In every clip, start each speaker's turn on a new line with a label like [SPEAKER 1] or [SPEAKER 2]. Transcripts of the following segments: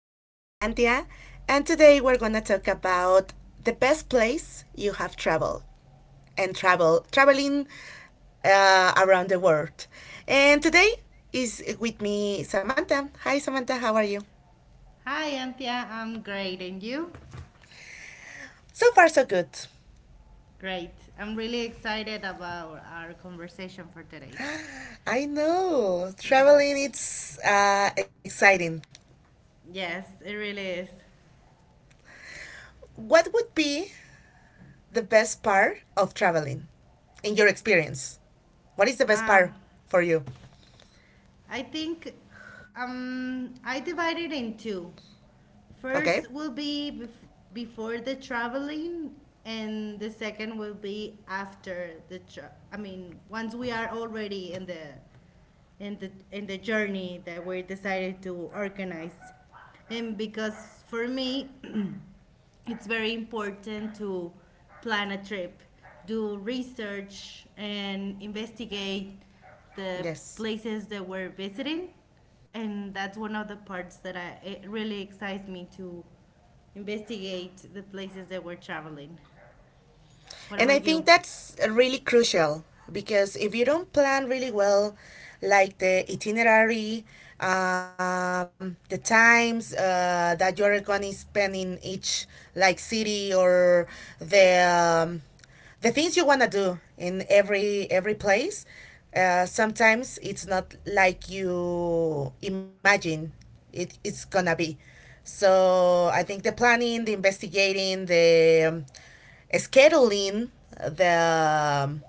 [SPEAKER 1] my name is Antia, and today we're gonna talk about the best place you have traveled and traveling around the world. And today is with me Samantha. Hi Samantha, how are you?
[SPEAKER 2] Hi, Antia. I'm great. And you?
[SPEAKER 1] So far so good.
[SPEAKER 2] Great. I'm really excited about our conversation for today.
[SPEAKER 1] I know traveling it's exciting.
[SPEAKER 2] Yes, it really is.
[SPEAKER 1] What would be the best part of traveling in your experience? What is the best part
[SPEAKER 2] Um,
[SPEAKER 1] for you?
[SPEAKER 2] I think I divided in two.
[SPEAKER 1] Okay.
[SPEAKER 2] First will be before the traveling, and the second will be after the. I mean, once we are already in the in the journey that we decided to organize. And because for me it's very important to plan a trip, do research and investigate the
[SPEAKER 1] Yes.
[SPEAKER 2] places that we're visiting. And that's one of the parts that it really excites me to investigate the places that we're traveling. What
[SPEAKER 1] And I
[SPEAKER 2] about you?
[SPEAKER 1] think that's really crucial because if you don't plan really well, like the itinerary, the times that you're going to spend in each like city or the um, the things you want to do in every place, sometimes it's not like you imagine it's gonna be. So I think the planning, the investigating, the scheduling the um,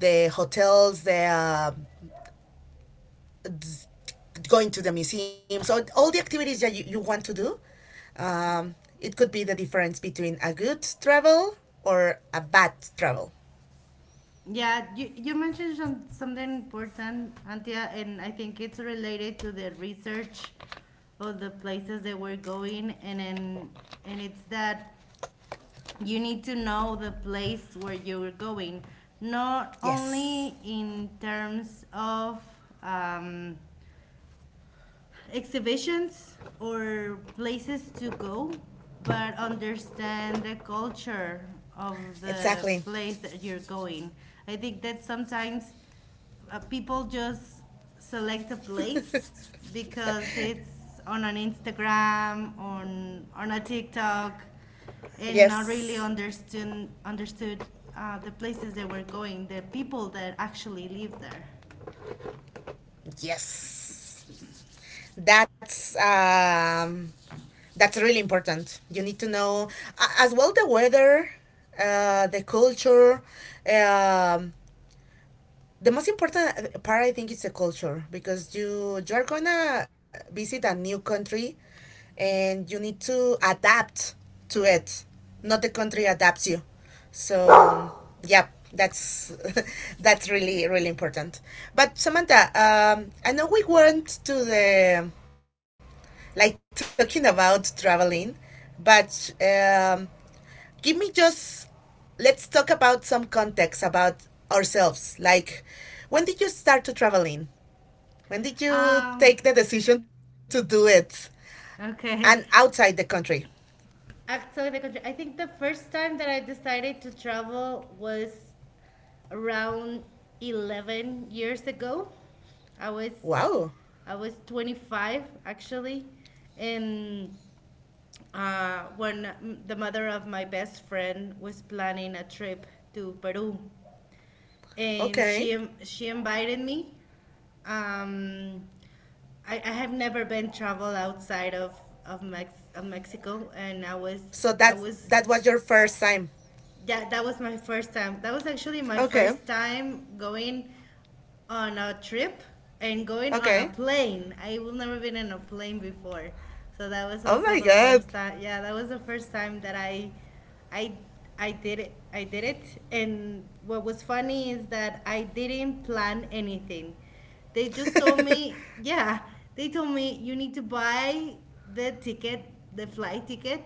[SPEAKER 1] the hotels, the going to the museum. So all the activities that you want to do. Um, it could be the difference between a good travel or a bad travel.
[SPEAKER 2] Yeah, you mentioned something important, Antia, and I think it's related to the research of the places that we're going. And then, and it's that you need to know the place where you're going, not
[SPEAKER 1] Yes,
[SPEAKER 2] only in terms of um, exhibitions or places to go, but understand the culture of the
[SPEAKER 1] exactly.
[SPEAKER 2] place that you're going. I think that sometimes people just select a place because it's on an Instagram, on a TikTok, and not really
[SPEAKER 1] Yes,
[SPEAKER 2] understood the places they were going, the people that actually live there.
[SPEAKER 1] yes. That's um, that's really important. You need to know as well the weather, the culture, um, the most important part I think is the culture because you are gonna visit a new country and
[SPEAKER 2] Mm-hmm.
[SPEAKER 1] you need to adapt to it. Not the country adapts you. So yeah, that's that's really important. But Samantha, I know we weren't to the like talking about traveling, but give me just let's talk about some context about ourselves. Like, when did you start to traveling? When did
[SPEAKER 2] Um,
[SPEAKER 1] you take the decision to do it
[SPEAKER 2] okay.
[SPEAKER 1] and outside the country?
[SPEAKER 2] Actually, the country. I think the first time that I decided to travel was around 11 years ago. I was
[SPEAKER 1] Wow.
[SPEAKER 2] I was 25 actually, and the mother of my best friend was planning a trip to Peru, and
[SPEAKER 1] Okay.
[SPEAKER 2] she invited me. Um, I have never been travel outside of of Mexico, and
[SPEAKER 1] So
[SPEAKER 2] I
[SPEAKER 1] that's
[SPEAKER 2] was
[SPEAKER 1] that was your first time.
[SPEAKER 2] that that was my first time. That was actually my
[SPEAKER 1] Okay.
[SPEAKER 2] first time going on a trip and going on a
[SPEAKER 1] Okay.
[SPEAKER 2] plane. I've never been in a plane before. So that was
[SPEAKER 1] Oh
[SPEAKER 2] also
[SPEAKER 1] my
[SPEAKER 2] the first
[SPEAKER 1] god.
[SPEAKER 2] time. Yeah, that was the first time that I I did it. I did it. And what was funny is that I didn't plan anything. They just told me, yeah, they told me you need to buy the ticket, the flight ticket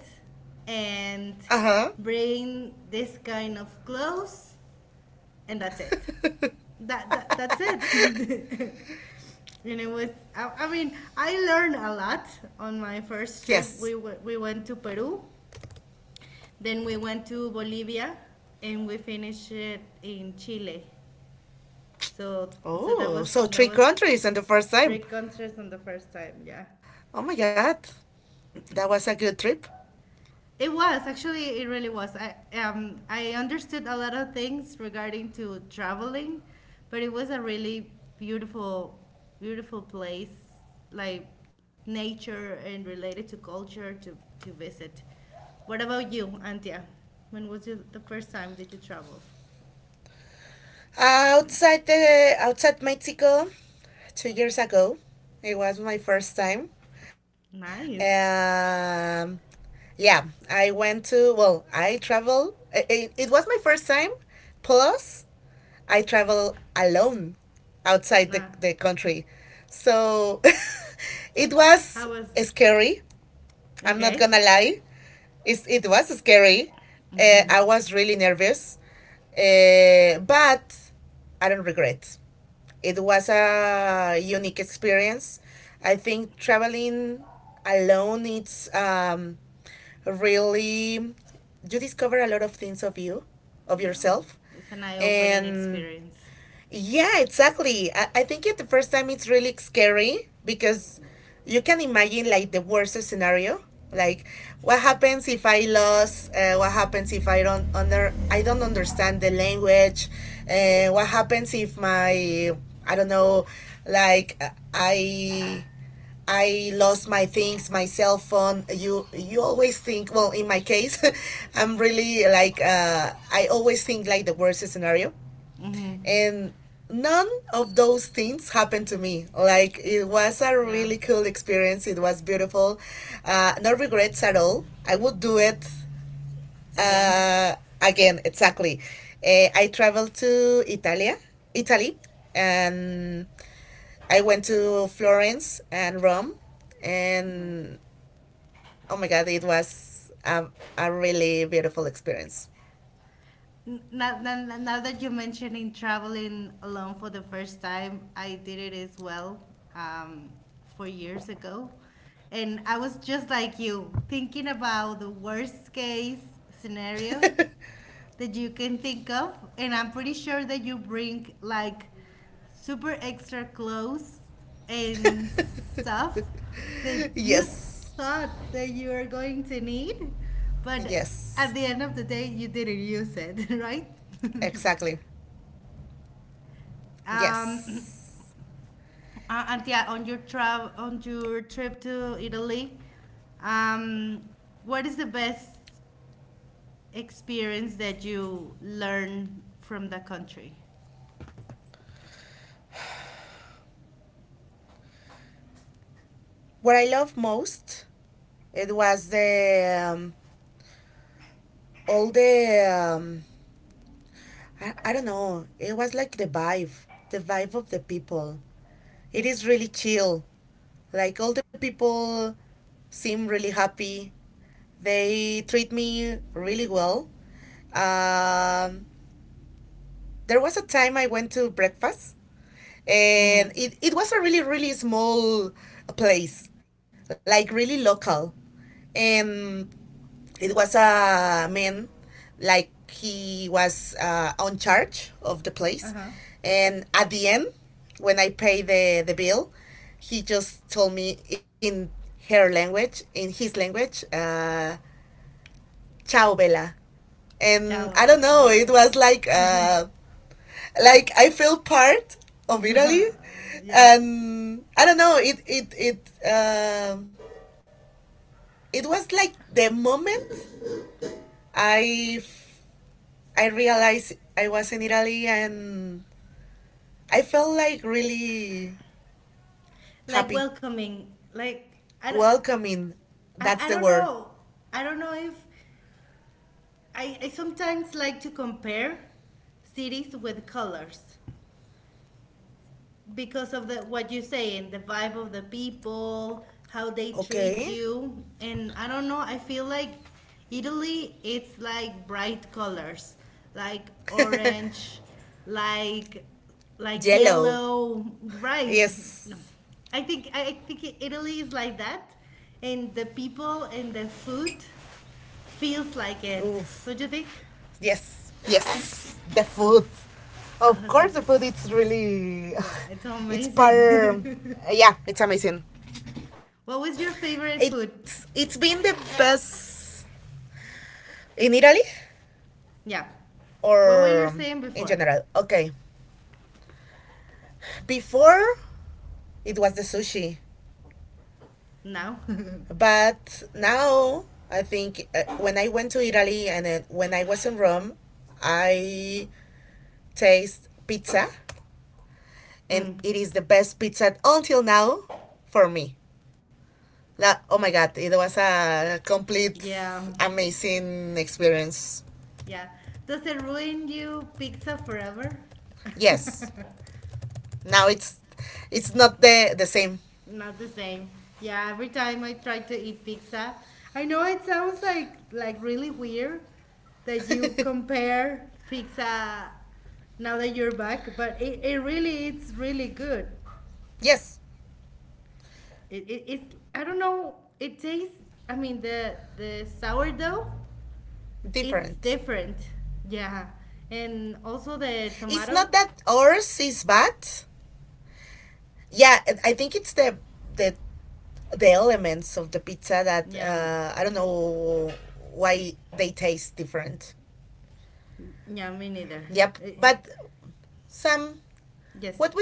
[SPEAKER 2] and
[SPEAKER 1] Uh-huh.
[SPEAKER 2] bring this kind of clothes, and that's it. That's it. And it was, I mean, I learned a lot on my first trip.
[SPEAKER 1] Yes.
[SPEAKER 2] We we went to Peru, then we went to Bolivia, and we finished it in Chile. So so
[SPEAKER 1] Oh, so
[SPEAKER 2] that
[SPEAKER 1] three
[SPEAKER 2] was
[SPEAKER 1] countries on the first
[SPEAKER 2] three
[SPEAKER 1] time.
[SPEAKER 2] countries on the first time. Yeah.
[SPEAKER 1] Oh my god. That was a good trip.
[SPEAKER 2] It was actually, it really was. I um, I understood a lot of things regarding to traveling, but it was a really beautiful beautiful place, like nature and related to culture to visit. What about you, Antia? When was you, the first time that you traveled?
[SPEAKER 1] Outside Mexico, 2 years ago, it was my first time.
[SPEAKER 2] Nice.
[SPEAKER 1] Um, yeah, I went to well, I travel. It was my first time. Plus, I travel alone outside the,
[SPEAKER 2] Nah.
[SPEAKER 1] the country, so it was
[SPEAKER 2] How was
[SPEAKER 1] scary. I'm not
[SPEAKER 2] okay?
[SPEAKER 1] gonna lie. It's, it was scary. I was really nervous, but I don't regret. It was a unique experience. I think traveling alone it's really you discover a lot of things of you, of
[SPEAKER 2] Yeah.
[SPEAKER 1] yourself,
[SPEAKER 2] It's an eye-opening
[SPEAKER 1] and
[SPEAKER 2] experience.
[SPEAKER 1] yeah, exactly. I think it the first time it's really scary because
[SPEAKER 2] Yeah.
[SPEAKER 1] you can imagine like the worst scenario. Like, what happens if I lost? What happens if I don't understand the language? What happens if my I don't know, like I lost my things, my cell phone. You
[SPEAKER 2] Mhm.
[SPEAKER 1] always think. Well, in my case, I'm really like I always think like the worst scenario
[SPEAKER 2] Mhm.
[SPEAKER 1] and none of those things happened to me like it was a
[SPEAKER 2] Yeah.
[SPEAKER 1] really cool experience, it was beautiful, no regrets at all, I would do it
[SPEAKER 2] Again.
[SPEAKER 1] uh, again, exactly. I traveled to Italia, Italy, and I went to Florence and Rome,
[SPEAKER 2] Nice.
[SPEAKER 1] and oh my god, it was a really beautiful experience.
[SPEAKER 2] Now that you're mentioning traveling alone for the first time, I did it as well, um, 4 years ago. And I was just like you, thinking about the worst case scenario that you can think of. And I'm pretty sure that you bring like super extra clothes and stuff that you
[SPEAKER 1] Yes.
[SPEAKER 2] thought that you were going to need, but
[SPEAKER 1] Yes,
[SPEAKER 2] at the end of the day you didn't use it. Right.
[SPEAKER 1] exactly.
[SPEAKER 2] um
[SPEAKER 1] Yes.
[SPEAKER 2] and yeah, on your trip to Italy, um what is the best experience that you learn from the country?
[SPEAKER 1] What I love most it was the all the um, I don't know. It was like the vibe of the people. It is really chill. Like all the people seem really happy. They treat me really well. Um, there was a time I went to breakfast,
[SPEAKER 2] Mm-hmm.
[SPEAKER 1] and it was a really, really small place, like really local. And it was a man like he was on charge of the place,
[SPEAKER 2] Uh-huh.
[SPEAKER 1] and at the end when I pay the bill, he just told me in her language, in his language, ciao bella.
[SPEAKER 2] Ciao.
[SPEAKER 1] And I don't know,
[SPEAKER 2] Yeah.
[SPEAKER 1] it was like I feel part of Italy.
[SPEAKER 2] Yeah.
[SPEAKER 1] And I don't know, it it was like the moment i I realized I was in Italy and I felt like really
[SPEAKER 2] Like
[SPEAKER 1] happy,
[SPEAKER 2] welcoming. Like I, don't- I-
[SPEAKER 1] welcoming. That's
[SPEAKER 2] I
[SPEAKER 1] the
[SPEAKER 2] don't
[SPEAKER 1] word.
[SPEAKER 2] know. I don't know if I sometimes like to compare cities with colors, because of the what you're saying, the vibe of the people, how they treat
[SPEAKER 1] Okay.
[SPEAKER 2] you. And I don't know, I feel like Italy, it's like bright colors, like orange, like like
[SPEAKER 1] Yellow.
[SPEAKER 2] yellow, right? No.
[SPEAKER 1] Yes.
[SPEAKER 2] I think Italy is like that, and the people and the food feels like it.
[SPEAKER 1] Oof.
[SPEAKER 2] Don't you think?
[SPEAKER 1] Yes. Yes. The food. Of
[SPEAKER 2] Oh, the
[SPEAKER 1] course, the
[SPEAKER 2] food.
[SPEAKER 1] food. It's really.
[SPEAKER 2] Yeah, it's
[SPEAKER 1] It's part.
[SPEAKER 2] amazing.
[SPEAKER 1] Yeah, it's amazing.
[SPEAKER 2] What was your
[SPEAKER 1] It's
[SPEAKER 2] favorite
[SPEAKER 1] it's been
[SPEAKER 2] food?
[SPEAKER 1] the best in Italy
[SPEAKER 2] Yeah.
[SPEAKER 1] or
[SPEAKER 2] What were you
[SPEAKER 1] in
[SPEAKER 2] saying
[SPEAKER 1] general.
[SPEAKER 2] before?
[SPEAKER 1] Okay. Before it was the sushi.
[SPEAKER 2] Now?
[SPEAKER 1] But now I think when I went to Italy and then when I was in Rome, I taste pizza, and
[SPEAKER 2] Mm.
[SPEAKER 1] it is the best pizza until now for me. La, oh my god, it was a complete
[SPEAKER 2] Yeah.
[SPEAKER 1] amazing experience.
[SPEAKER 2] Yeah. Does it ruin you pizza forever?
[SPEAKER 1] Yes. Now it's not the same.
[SPEAKER 2] Not the same. Yeah, every time I try to eat pizza, I know it sounds like really weird that you compare pizza now that you're back, but it really, it's really good.
[SPEAKER 1] Yes,
[SPEAKER 2] It's, I don't know, it tastes, I mean the sourdough.
[SPEAKER 1] different.
[SPEAKER 2] It's different. Yeah.
[SPEAKER 1] It's not
[SPEAKER 2] And
[SPEAKER 1] that
[SPEAKER 2] also the
[SPEAKER 1] ours is
[SPEAKER 2] tomato.
[SPEAKER 1] bad. Yeah, I think it's the the elements of the pizza that I don't
[SPEAKER 2] Yeah.
[SPEAKER 1] know why they taste different.
[SPEAKER 2] Yeah,
[SPEAKER 1] Yep.
[SPEAKER 2] me neither.
[SPEAKER 1] But
[SPEAKER 2] Eh, eh,
[SPEAKER 1] some, what would
[SPEAKER 2] Yes.
[SPEAKER 1] be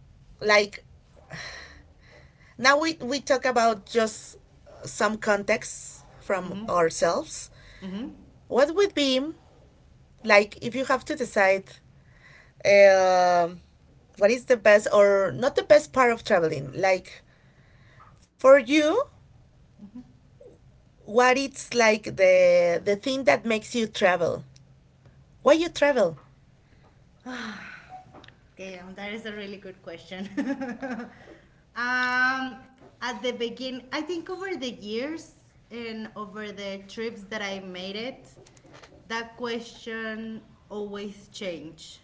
[SPEAKER 1] like now we talk about just some context from
[SPEAKER 2] Mm-hmm.
[SPEAKER 1] ourselves.
[SPEAKER 2] Mm-hmm.
[SPEAKER 1] What would be like if you have to decide uh, what is the best or not the best part of traveling? Like for you, what it's like the thing that makes you travel? Why you travel?
[SPEAKER 2] Okay, that is a really good question. Um, at the begin, I think over the years and over the trips that I made it, that question always change.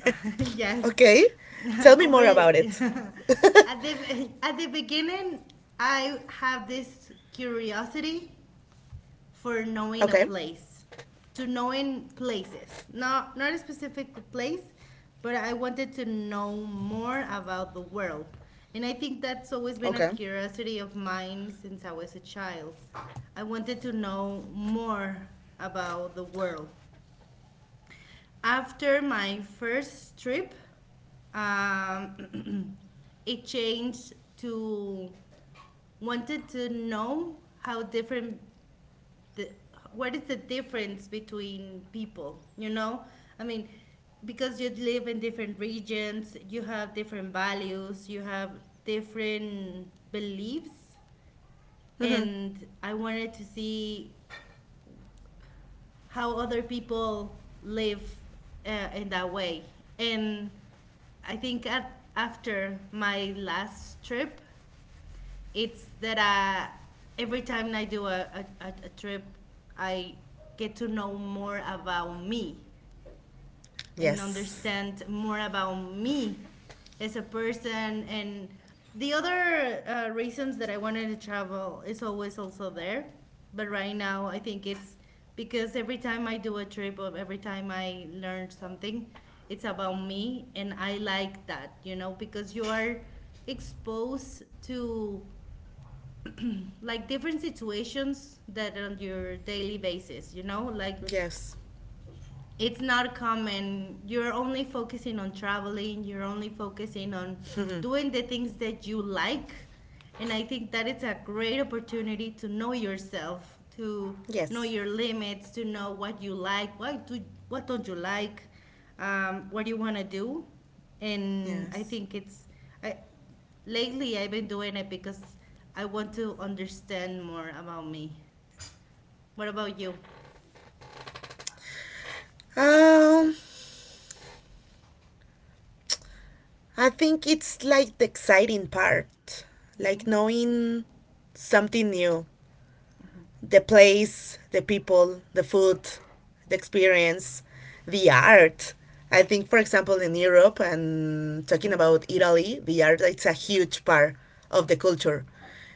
[SPEAKER 2] Yes.
[SPEAKER 1] Okay. Tell me
[SPEAKER 2] Over
[SPEAKER 1] more about it.
[SPEAKER 2] at the beginning, I have this curiosity for
[SPEAKER 1] Okay.
[SPEAKER 2] knowing a place, to knowing places. Not a specific place, but I wanted to know more about the world. And I think that's always
[SPEAKER 1] Okay.
[SPEAKER 2] been a curiosity of mine since I was a child. I wanted to know more about the world. After my first trip, um, it changed to wanted to know how different the what is the difference between people, you know, I mean, because you live in different regions, you have different values, you have different beliefs.
[SPEAKER 1] Mm-hmm.
[SPEAKER 2] And I wanted to see how other people live in that way. And I think after my last trip, it's that every time I do a trip, I get to know more about me and
[SPEAKER 1] Yes.
[SPEAKER 2] understand more about me as a person. And the other reasons that I wanted to travel is always also there, but right now I think it's because every time I do a trip or every time I learn something, it's about me. And I like that, you know, because you are exposed to like different situations that on your daily basis, you know, like
[SPEAKER 1] Yes.
[SPEAKER 2] it's not common. You're only focusing on traveling, you're only focusing on
[SPEAKER 1] Mm-hmm.
[SPEAKER 2] doing the things that you like. And I think that it's a great opportunity to know yourself, to know
[SPEAKER 1] Yes.
[SPEAKER 2] your limits, to know what you like, what don't you like, what do you want to do. And I
[SPEAKER 1] Yes.
[SPEAKER 2] think I, lately I've been doing it because I want to understand more about me. What about you?
[SPEAKER 1] Um, I think it's like the exciting part, like knowing something new, the place, the people, the food, the experience, the art. I think, for example, in
[SPEAKER 2] Mm-hmm.
[SPEAKER 1] Europe and talking
[SPEAKER 2] Mm-hmm.
[SPEAKER 1] about Italy, the art it's a huge part of the culture,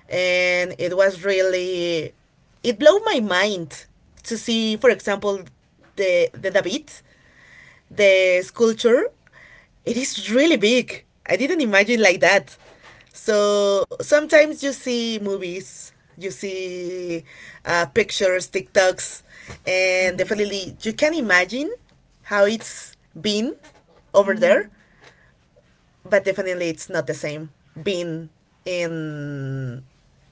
[SPEAKER 1] and it was really it blew my mind to see, for example, the David, the sculpture, it is really big, I didn't imagine like that. So sometimes you see movies, you see pictures, tiktoks, and
[SPEAKER 2] Mm-hmm.
[SPEAKER 1] definitely you can imagine how it's been over
[SPEAKER 2] Mm-hmm.
[SPEAKER 1] there, but definitely it's not the same being in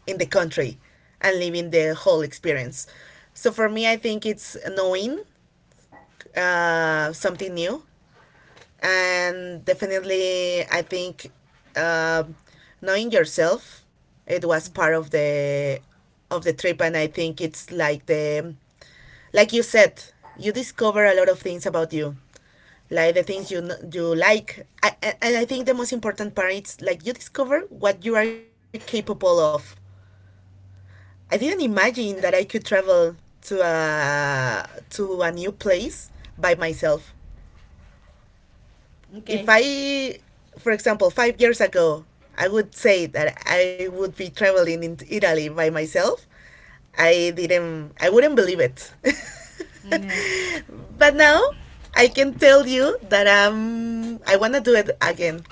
[SPEAKER 1] in the country and living the whole experience. So for me I think it's knowing something new, and definitely I think uh, knowing yourself, it was part of the trip. And I think it's like the like you said, you discover a lot of things about you, like the things you you like, and I think the most important part is like you discover what you are capable of. I didn't imagine that I could travel to a new place by myself. If
[SPEAKER 2] Okay.
[SPEAKER 1] I, for example, 5 years ago, I would say that I would be traveling in Italy by myself, I didn't, I wouldn't believe it.
[SPEAKER 2] Okay.
[SPEAKER 1] But now I can tell you that I want to do it again.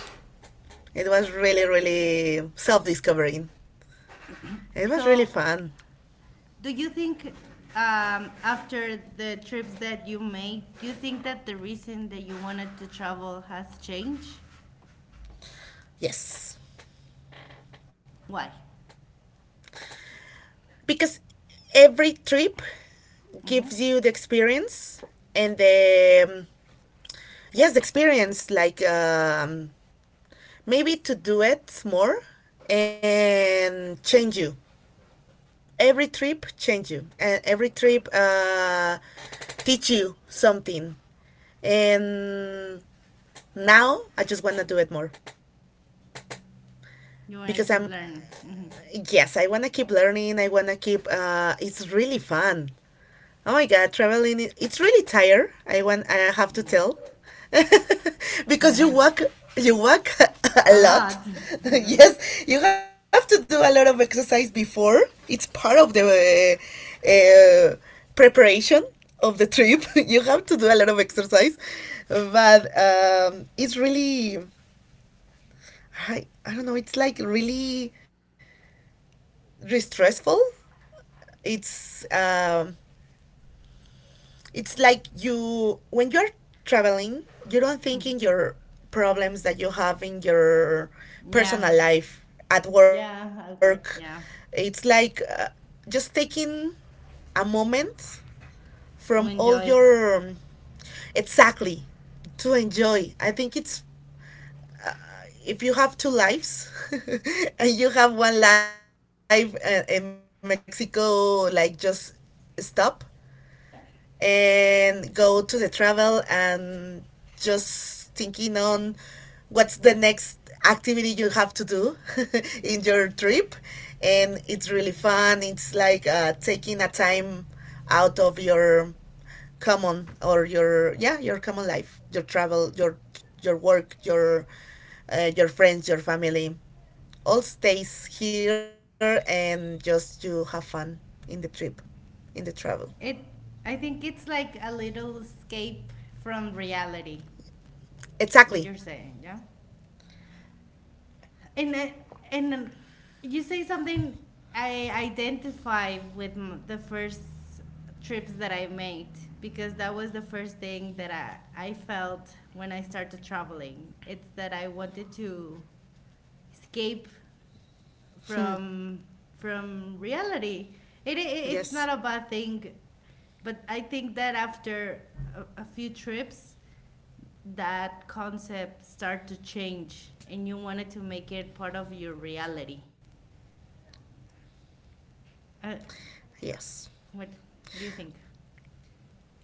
[SPEAKER 1] It was really, really self discovering. It was really
[SPEAKER 2] So,
[SPEAKER 1] fun.
[SPEAKER 2] do you think after the trips that you made, do you think that the reason that you wanted to travel has changed?
[SPEAKER 1] Yes.
[SPEAKER 2] Why?
[SPEAKER 1] Because every trip
[SPEAKER 2] Hmm.
[SPEAKER 1] gives you the experience and yes, the experience like, maybe to do it more and change you, every trip change you and every trip teach you something. And now I just want to do it more
[SPEAKER 2] You want to
[SPEAKER 1] because
[SPEAKER 2] keep
[SPEAKER 1] I'm
[SPEAKER 2] learning. Hmm.
[SPEAKER 1] yes I want to keep learning, I want to keep it's really fun. Oh my God, traveling, it's really tired. I want, I have to tell. Because
[SPEAKER 2] Yeah.
[SPEAKER 1] you walk a
[SPEAKER 2] A
[SPEAKER 1] lot.
[SPEAKER 2] lot. Yeah.
[SPEAKER 1] Yes, you have to do a lot of exercise before. It's part of the uh, uh, preparation of the trip.
[SPEAKER 2] Yeah.
[SPEAKER 1] You have to do a lot of exercise. But it's really, I don't know, it's like really, really stressful. It's um, It's like you when you're traveling, you don't think in your problems that you have in your
[SPEAKER 2] Yeah.
[SPEAKER 1] personal life at
[SPEAKER 2] Yeah. At
[SPEAKER 1] work.
[SPEAKER 2] work. Yeah.
[SPEAKER 1] It's like just taking a moment from
[SPEAKER 2] To
[SPEAKER 1] all
[SPEAKER 2] enjoy
[SPEAKER 1] your exactly to enjoy. I think it's if you have two lives and you have one life in Mexico, like just stop and go to the travel and just thinking on what's the next activity you have to do in your trip. And it's really fun, it's like taking a time out of your common or your yeah your common life, your travel, your work, your friends, your family, all stays here and just you have fun in the trip, in the travel,
[SPEAKER 2] it. I think it's like a little escape from reality. What
[SPEAKER 1] exactly.
[SPEAKER 2] you're saying, yeah? and uh, and you say something I identify with the first trips that I made, because that was the first thing that I felt when I started traveling. It's that I wanted to escape
[SPEAKER 1] Hmm.
[SPEAKER 2] from from reality. It it's not a
[SPEAKER 1] Yes.
[SPEAKER 2] bad thing, but I think that after a few trips, that concept start to change, and you wanted to make it part of your reality. Uh,
[SPEAKER 1] Yes.
[SPEAKER 2] what What do you think?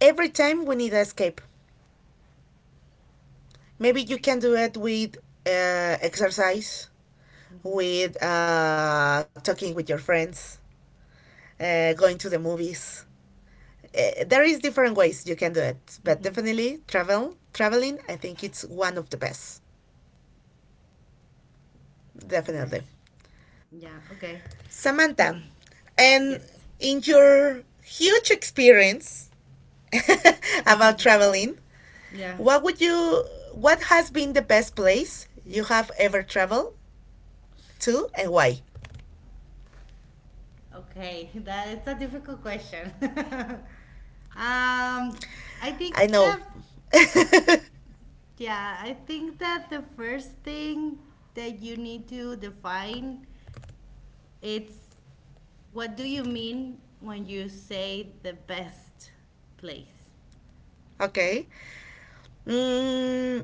[SPEAKER 1] Every time we need an escape. Maybe you can do it with exercise,
[SPEAKER 2] Hmm.
[SPEAKER 1] with talking with your friends, going to the movies. There is different ways you can do it, but
[SPEAKER 2] Hmm.
[SPEAKER 1] definitely traveling. I think it's one of the best. Definitely,
[SPEAKER 2] Nice. Yeah. Okay.
[SPEAKER 1] Samantha. And
[SPEAKER 2] Yes.
[SPEAKER 1] in your huge experience about traveling,
[SPEAKER 2] Yeah.
[SPEAKER 1] what would you what has been the best place you have ever traveled to and why?
[SPEAKER 2] Okay. That it's a difficult question. um, I think
[SPEAKER 1] I know.
[SPEAKER 2] that yeah, I think that the first thing that you need to define it's, what do you mean when you say the best place?
[SPEAKER 1] Okay. Mm,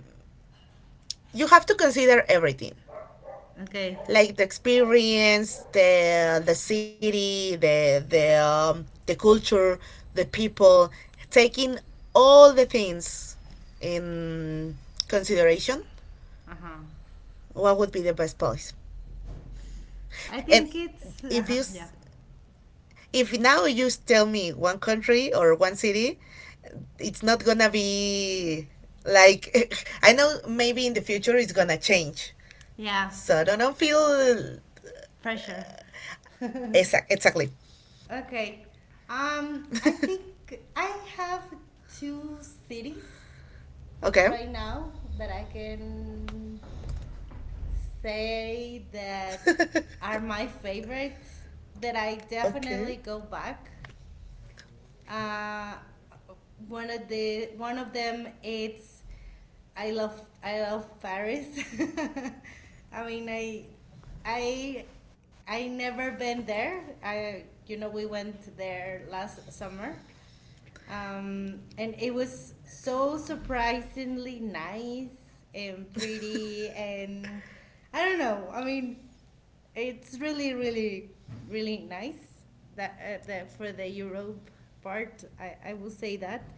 [SPEAKER 1] you have to consider everything.
[SPEAKER 2] Okay.
[SPEAKER 1] Like the experience, the city, the the culture, the people, taking all the things in consideration,
[SPEAKER 2] Uh huh.
[SPEAKER 1] what would be the best place?
[SPEAKER 2] I
[SPEAKER 1] And
[SPEAKER 2] think it's
[SPEAKER 1] if you
[SPEAKER 2] uh,
[SPEAKER 1] s-
[SPEAKER 2] yeah.
[SPEAKER 1] if now you tell me one country or one city, it's not gonna be like I know maybe in the future it's gonna change.
[SPEAKER 2] Yeah.
[SPEAKER 1] So don't feel
[SPEAKER 2] Pressure.
[SPEAKER 1] exact exactly.
[SPEAKER 2] Okay. I think I have two cities
[SPEAKER 1] Okay.
[SPEAKER 2] right now that I can say that are my favorite, that I definitely
[SPEAKER 1] Okay.
[SPEAKER 2] go back. uh, One of the one of them, it's, I love Paris. I mean, I I never been there. I, you know, we went there last summer. And it was so surprisingly nice and pretty. And I don't know, I mean it's really, really, really nice, that, that for the Europe part, I will say that.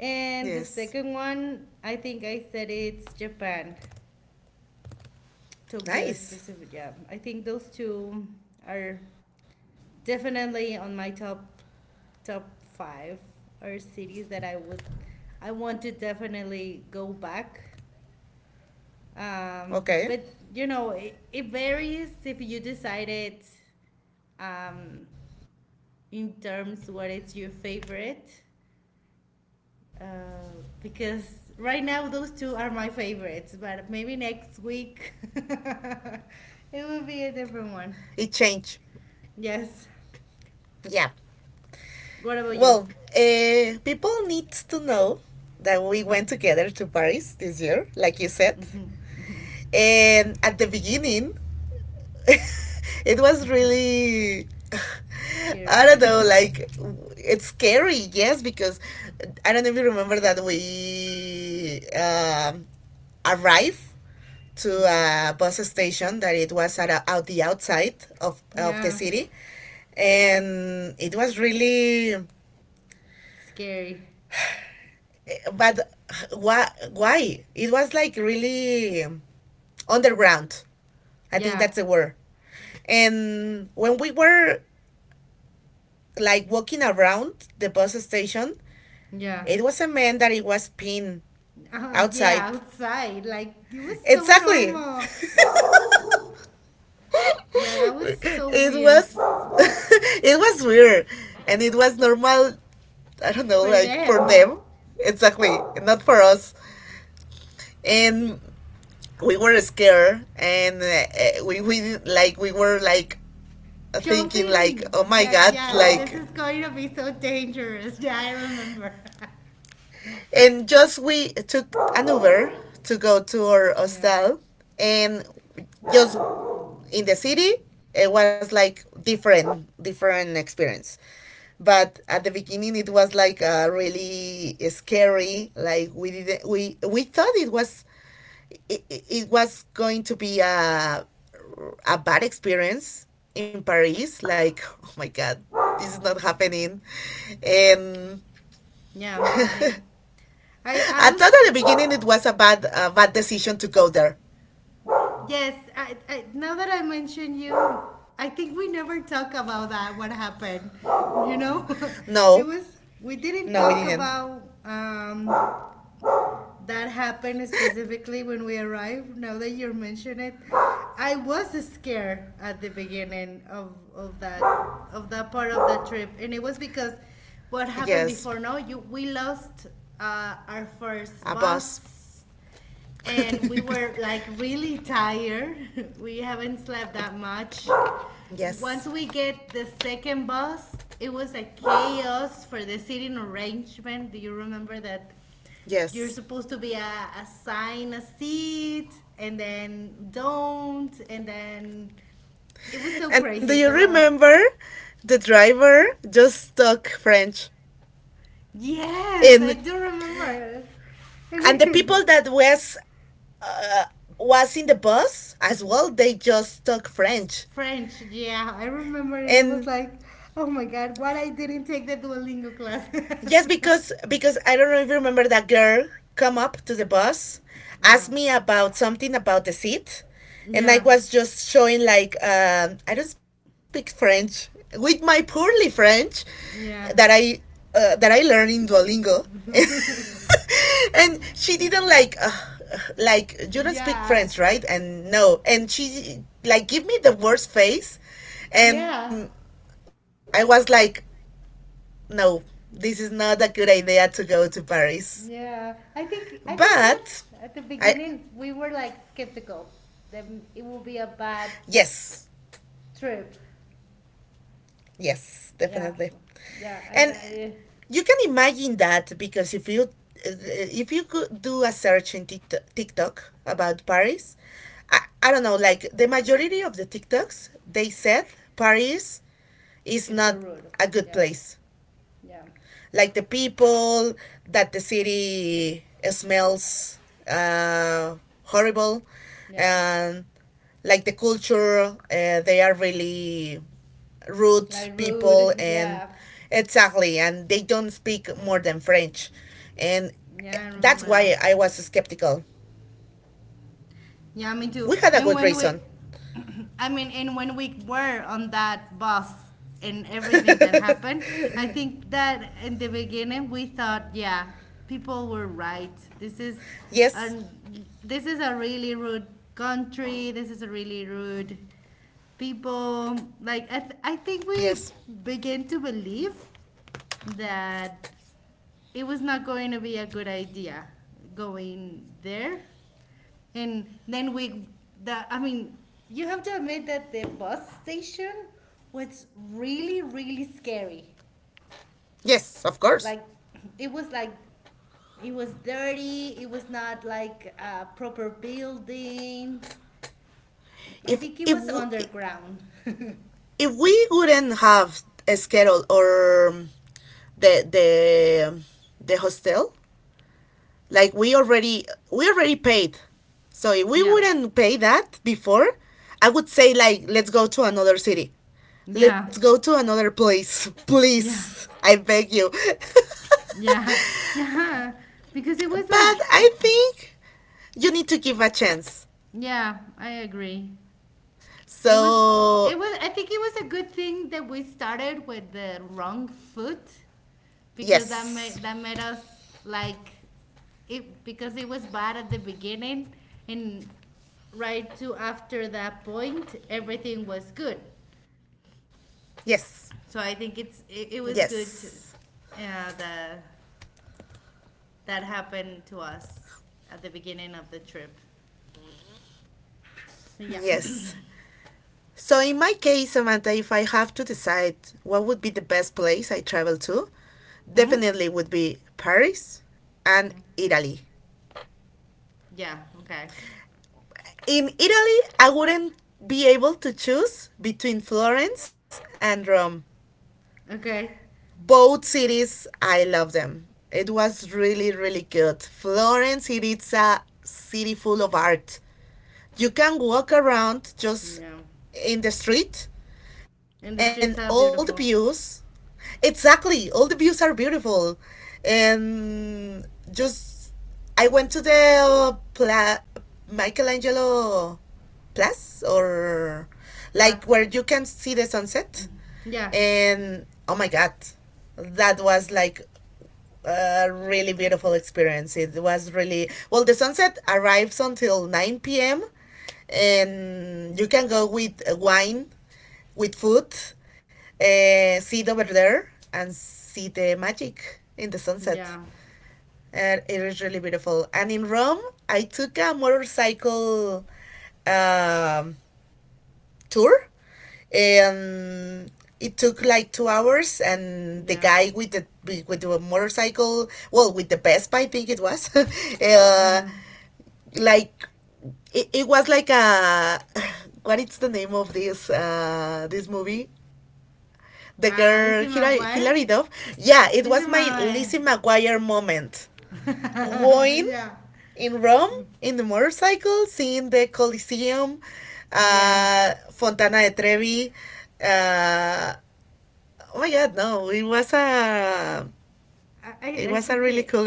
[SPEAKER 2] And the second
[SPEAKER 1] Yes.
[SPEAKER 2] one, I think I said, it's Japan, Tokyo specific.
[SPEAKER 1] Nice.
[SPEAKER 2] Yeah, I think those two are definitely on my top five, are cities that I want to definitely go back.
[SPEAKER 1] Okay.
[SPEAKER 2] But you know, it varies if you decided um, in terms what is your favorite, because right now those two are my favorites, but maybe next week it will be a different
[SPEAKER 1] It
[SPEAKER 2] one.
[SPEAKER 1] changed.
[SPEAKER 2] Yes.
[SPEAKER 1] Yeah.
[SPEAKER 2] What about you?
[SPEAKER 1] Well, people need to know that we went together to Paris this year, like you said.
[SPEAKER 2] Hmm.
[SPEAKER 1] And at the beginning, it was really I
[SPEAKER 2] Scary.
[SPEAKER 1] don't know, like it's scary, yes, because I don't know if you remember that we arrived to
[SPEAKER 2] Hmm.
[SPEAKER 1] a bus station that it was at, a, out the outside of the
[SPEAKER 2] Yeah.
[SPEAKER 1] city, and it was really,
[SPEAKER 2] Scary.
[SPEAKER 1] but why? Why it was like really underground. I think
[SPEAKER 2] Yeah.
[SPEAKER 1] that's the word. And when we were like walking around the bus station,
[SPEAKER 2] Yeah.
[SPEAKER 1] it was a man that it was pinned outside.
[SPEAKER 2] Yeah, outside, like it was so
[SPEAKER 1] Exactly.
[SPEAKER 2] normal. Yeah, that was so
[SPEAKER 1] it
[SPEAKER 2] weird.
[SPEAKER 1] was it was weird and it was normal. I don't know,
[SPEAKER 2] For
[SPEAKER 1] like for
[SPEAKER 2] them.
[SPEAKER 1] them. Exactly. Not for us. And we were scared and we like we were like thinking like, oh
[SPEAKER 2] Jumping,
[SPEAKER 1] my
[SPEAKER 2] like,
[SPEAKER 1] god,
[SPEAKER 2] yeah, this
[SPEAKER 1] like.
[SPEAKER 2] is going to be so dangerous. Yeah, I remember.
[SPEAKER 1] And just we took an Uber to go to our
[SPEAKER 2] No.
[SPEAKER 1] hostel, and just in the city, it was like different, different experience. But at the beginning, it was like really scary. Like we didn't, we thought it was it was going to be a bad experience in Paris. Like, oh my god, this is not happening, and
[SPEAKER 2] Yeah,
[SPEAKER 1] I
[SPEAKER 2] I
[SPEAKER 1] thought at
[SPEAKER 2] was,
[SPEAKER 1] the beginning it was a bad decision to go there.
[SPEAKER 2] yes, I, now that I mention you, I think we never talk about that, what happened. You know, it
[SPEAKER 1] No,
[SPEAKER 2] was, we didn't
[SPEAKER 1] no,
[SPEAKER 2] talk
[SPEAKER 1] we didn't.
[SPEAKER 2] about, that happened specifically when we arrived. Now that you mention it, I was scared at the beginning of that of that part of the trip, and it was because what
[SPEAKER 1] Yes,
[SPEAKER 2] happened before. No, you we lost our
[SPEAKER 1] a
[SPEAKER 2] first
[SPEAKER 1] bus.
[SPEAKER 2] bus, and we were like really tired. We haven't slept that much. Once we
[SPEAKER 1] yes,
[SPEAKER 2] get the second bus, it was a chaos for the seating arrangement. Do you remember that you're
[SPEAKER 1] yes.
[SPEAKER 2] supposed to assign a seat, and then don't, and then it was so
[SPEAKER 1] And do
[SPEAKER 2] crazy.
[SPEAKER 1] you remember the driver just talk French?
[SPEAKER 2] Yes, I
[SPEAKER 1] In,
[SPEAKER 2] do remember. And
[SPEAKER 1] and the
[SPEAKER 2] then, yeah.
[SPEAKER 1] people that uh, was in the bus as well, they just talk French.
[SPEAKER 2] French, yeah, I remember, and it was
[SPEAKER 1] And
[SPEAKER 2] like, oh my god, what I didn't take the Duolingo class.
[SPEAKER 1] yes, because I don't know if you remember that girl come up to the bus,
[SPEAKER 2] Yeah,
[SPEAKER 1] asked me about something about the seat, and I
[SPEAKER 2] yeah,
[SPEAKER 1] was just showing like, I don't speak French, with my poorly French that
[SPEAKER 2] yeah,
[SPEAKER 1] I that I learned in Duolingo, and she didn't like you don't speak
[SPEAKER 2] yes,
[SPEAKER 1] French, right? And no, and she like give me the worst face, and
[SPEAKER 2] yeah,
[SPEAKER 1] I was like, no, this is not a good idea to go to Paris.
[SPEAKER 2] yeah. I think
[SPEAKER 1] But
[SPEAKER 2] that at
[SPEAKER 1] I
[SPEAKER 2] the beginning we were like skeptical that it will be a bad
[SPEAKER 1] yes,
[SPEAKER 2] trip.
[SPEAKER 1] yes, definitely.
[SPEAKER 2] Yeah, yeah,
[SPEAKER 1] And
[SPEAKER 2] and I,
[SPEAKER 1] you can imagine that because if you could do a search in TikTok about Paris, I don't know, like the majority of the TikToks, they said Paris is
[SPEAKER 2] it's so
[SPEAKER 1] not
[SPEAKER 2] rude.
[SPEAKER 1] a good
[SPEAKER 2] Yeah,
[SPEAKER 1] place.
[SPEAKER 2] yeah,
[SPEAKER 1] Like the people, that the city smells uh, horrible,
[SPEAKER 2] yeah,
[SPEAKER 1] and like the culture, they are really rude
[SPEAKER 2] like
[SPEAKER 1] people,
[SPEAKER 2] rude.
[SPEAKER 1] and
[SPEAKER 2] Yeah,
[SPEAKER 1] exactly, and they don't speak more than French, and
[SPEAKER 2] yeah, I
[SPEAKER 1] that's
[SPEAKER 2] remember
[SPEAKER 1] why
[SPEAKER 2] that.
[SPEAKER 1] I was skeptical.
[SPEAKER 2] Yeah, me too.
[SPEAKER 1] We had a good reason.
[SPEAKER 2] I mean, and when we were on that bus and everything that happened, I think that in the beginning we thought, yeah, people were right.
[SPEAKER 1] Yes,
[SPEAKER 2] This is a really rude country. This is a really rude people. Like I think
[SPEAKER 1] yes,
[SPEAKER 2] we began to believe that it was not going to be a good idea going there, and then we, the I mean, you have to admit that the bus station was really, really scary.
[SPEAKER 1] yes, of course.
[SPEAKER 2] Like, like, it was dirty, it was not like a proper building. I
[SPEAKER 1] If
[SPEAKER 2] think it
[SPEAKER 1] if
[SPEAKER 2] was underground.
[SPEAKER 1] if we wouldn't have a schedule or the the hostel, like we already paid. So if we
[SPEAKER 2] Yeah.
[SPEAKER 1] wouldn't pay that before, I would say like, let's go to another city. Let's
[SPEAKER 2] Yeah.
[SPEAKER 1] go to another place,
[SPEAKER 2] Yeah.
[SPEAKER 1] please. I beg you.
[SPEAKER 2] Yeah. Yeah. Because it
[SPEAKER 1] But
[SPEAKER 2] was like,
[SPEAKER 1] I think you need to give a chance.
[SPEAKER 2] yeah, I agree. It was it
[SPEAKER 1] So,
[SPEAKER 2] was I think it was a good thing that we started with the wrong foot, because that
[SPEAKER 1] yes.
[SPEAKER 2] made that made us like it, because it was bad at the beginning and right to after that point everything was good.
[SPEAKER 1] Yes.
[SPEAKER 2] So I think it's it, it was
[SPEAKER 1] Yes.
[SPEAKER 2] good that that happened to us at the beginning of the trip. But yeah.
[SPEAKER 1] Yes. So, in my case, Samantha, if I have to decide what would be the best place I travel to,
[SPEAKER 2] Mhm.
[SPEAKER 1] definitely would be Paris and
[SPEAKER 2] Yeah.
[SPEAKER 1] Italy.
[SPEAKER 2] Yeah, okay.
[SPEAKER 1] In Italy, I wouldn't be able to choose between Florence and Rome.
[SPEAKER 2] Okay.
[SPEAKER 1] Both cities, I love them. It was really, really good. Florence, it is a city full of art. You can walk around
[SPEAKER 2] Yeah.
[SPEAKER 1] just in the street
[SPEAKER 2] And the
[SPEAKER 1] and
[SPEAKER 2] streets are
[SPEAKER 1] all the
[SPEAKER 2] beautiful.
[SPEAKER 1] views, exactly all the views are beautiful, and just I went to the Pla- Michelangelo place or
[SPEAKER 2] Plus,
[SPEAKER 1] like where you can see the sunset
[SPEAKER 2] yeah,
[SPEAKER 1] and oh my god, that was like a really beautiful experience. It was really well. The sunset arrives until nine p.m. and you can go with wine, with food, sit over there and see the magic in the sunset.
[SPEAKER 2] yeah,
[SPEAKER 1] And it is really beautiful. And in Rome, I took a motorcycle. Um, tour. And it took like 2 hours, and the
[SPEAKER 2] yeah,
[SPEAKER 1] guy with the motorcycle, well, with the Vespa, I think it was,
[SPEAKER 2] yeah.
[SPEAKER 1] like it was like a what is the name of this this movie? The
[SPEAKER 2] Lizzie
[SPEAKER 1] girl Hilary,
[SPEAKER 2] McGuire?
[SPEAKER 1] Hilary Duff. Yeah, it
[SPEAKER 2] Lizzie
[SPEAKER 1] was my
[SPEAKER 2] McGuire.
[SPEAKER 1] Lizzie McGuire moment going
[SPEAKER 2] Yeah,
[SPEAKER 1] in Rome in the motorcycle, seeing the Colosseum,
[SPEAKER 2] yeah.
[SPEAKER 1] Fontana de Trevi. Uh, oh my God, no! It
[SPEAKER 2] I
[SPEAKER 1] was a
[SPEAKER 2] think
[SPEAKER 1] really
[SPEAKER 2] it.
[SPEAKER 1] cool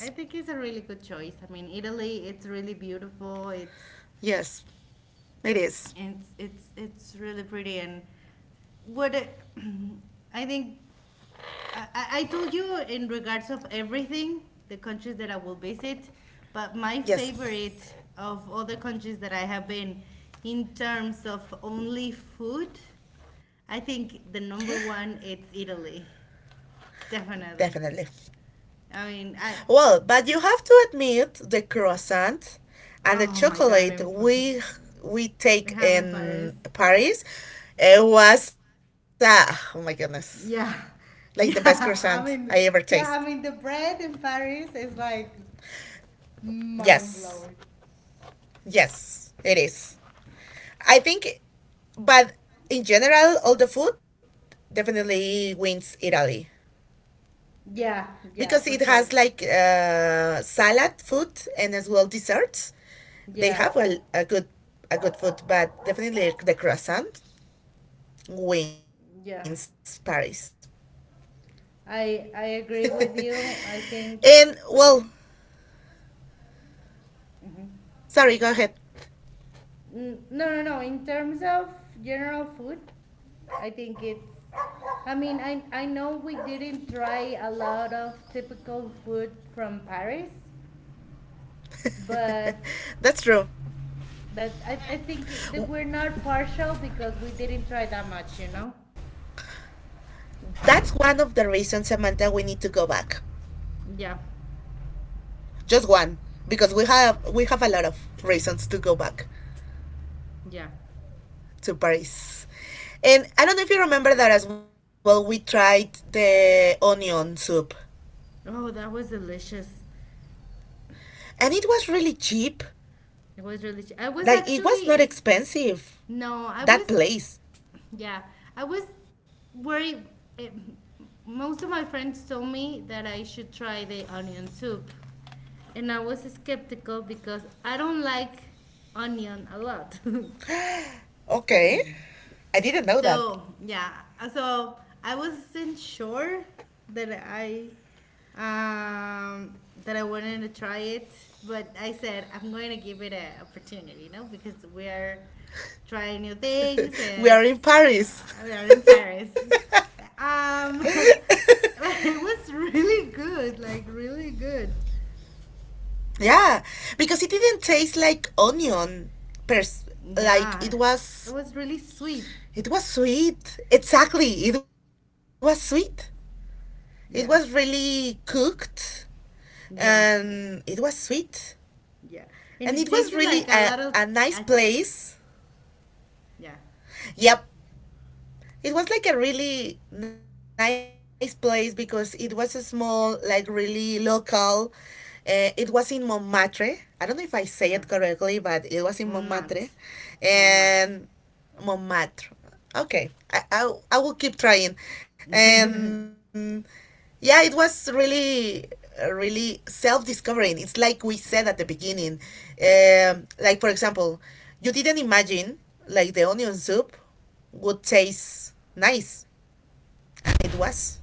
[SPEAKER 2] I think it's a really good choice. I mean, Italy. It's really beautiful. It's
[SPEAKER 1] Yes, it is.
[SPEAKER 2] it's it's it's really pretty, and what it, I think I told you in regards of everything, the countries that I will visit, but my
[SPEAKER 1] Yes,
[SPEAKER 2] favorite of all the countries that I have been in terms of only food, I think the number one it's Italy. Definitely.
[SPEAKER 1] definitely.
[SPEAKER 2] I mean, I
[SPEAKER 1] Well, but you have to admit the croissant and the
[SPEAKER 2] oh my god,
[SPEAKER 1] chocolate
[SPEAKER 2] I'm from,
[SPEAKER 1] we
[SPEAKER 2] we
[SPEAKER 1] take
[SPEAKER 2] have in Paris.
[SPEAKER 1] in Paris. It was oh my goodness,
[SPEAKER 2] Yeah.
[SPEAKER 1] like the best
[SPEAKER 2] Yeah,
[SPEAKER 1] croissant I ever
[SPEAKER 2] I mean,
[SPEAKER 1] taste.
[SPEAKER 2] yeah, I mean the bread in Paris is like
[SPEAKER 1] Yes.
[SPEAKER 2] mind blowing.
[SPEAKER 1] Yes, it is. I think, but in general, all the food definitely wins Italy
[SPEAKER 2] Yeah, yeah,
[SPEAKER 1] because it
[SPEAKER 2] for
[SPEAKER 1] has
[SPEAKER 2] sure.
[SPEAKER 1] like salad food and as well desserts. They
[SPEAKER 2] Yeah.
[SPEAKER 1] have a good food, but definitely the croissant wins
[SPEAKER 2] Yeah,
[SPEAKER 1] Paris.
[SPEAKER 2] I I agree
[SPEAKER 1] And
[SPEAKER 2] with you. I think
[SPEAKER 1] well,
[SPEAKER 2] mhm.
[SPEAKER 1] sorry, go ahead.
[SPEAKER 2] No. In terms of general food, I think it's. I mean, I know we didn't try a lot of typical food from Paris, but
[SPEAKER 1] That's true.
[SPEAKER 2] but I think it- that we're not
[SPEAKER 1] W-
[SPEAKER 2] partial because we didn't try that much,
[SPEAKER 1] That's one of the reasons, Samantha, we need to go back.
[SPEAKER 2] Yeah,
[SPEAKER 1] Just one, because we have a lot of reasons to go back
[SPEAKER 2] yeah.
[SPEAKER 1] to Paris. And I don't know if you remember that as well. We tried the onion soup,
[SPEAKER 2] Oh, that was delicious.
[SPEAKER 1] and it was really cheap.
[SPEAKER 2] It was really. Ch- I was
[SPEAKER 1] Like, it
[SPEAKER 2] actually.
[SPEAKER 1] was not
[SPEAKER 2] Is,
[SPEAKER 1] expensive.
[SPEAKER 2] no, I
[SPEAKER 1] That
[SPEAKER 2] was.
[SPEAKER 1] place.
[SPEAKER 2] Yeah, I was worried. eh, Most of my friends told me that I should try the onion soup, and I was skeptical because I don't like onion a lot.
[SPEAKER 1] Okay, I didn't know that.
[SPEAKER 2] So yeah, so I wasn't sure that I um, that I wanted to try it, but I said I'm going to give it an opportunity, you know, because we're trying new things,
[SPEAKER 1] We
[SPEAKER 2] and
[SPEAKER 1] are in Paris.
[SPEAKER 2] we are in Paris. Um, but it was really good, like really good.
[SPEAKER 1] yeah, because it didn't taste like onion. Pers-
[SPEAKER 2] Yeah,
[SPEAKER 1] like it
[SPEAKER 2] it
[SPEAKER 1] was.
[SPEAKER 2] was really sweet.
[SPEAKER 1] It was sweet. Exactly, it was sweet. It was
[SPEAKER 2] Yeah,
[SPEAKER 1] really cooked,
[SPEAKER 2] yeah,
[SPEAKER 1] and it was sweet.
[SPEAKER 2] yeah,
[SPEAKER 1] And
[SPEAKER 2] and
[SPEAKER 1] it
[SPEAKER 2] it
[SPEAKER 1] was
[SPEAKER 2] tasted
[SPEAKER 1] really
[SPEAKER 2] like a lot of
[SPEAKER 1] a nice
[SPEAKER 2] achi.
[SPEAKER 1] place.
[SPEAKER 2] Yeah,
[SPEAKER 1] Yep. It was like a really nice place because it was a small, like really local. It was in Montmartre. I don't know if I say it
[SPEAKER 2] Yeah,
[SPEAKER 1] correctly, but it was in Montmartre,
[SPEAKER 2] Montmartre,
[SPEAKER 1] and
[SPEAKER 2] Montmartre.
[SPEAKER 1] Montmartre. Okay, I will keep trying, and yeah, it was really really self-discovering. It's like we said at the beginning, like for example, you didn't imagine like the onion soup would taste nice. It was.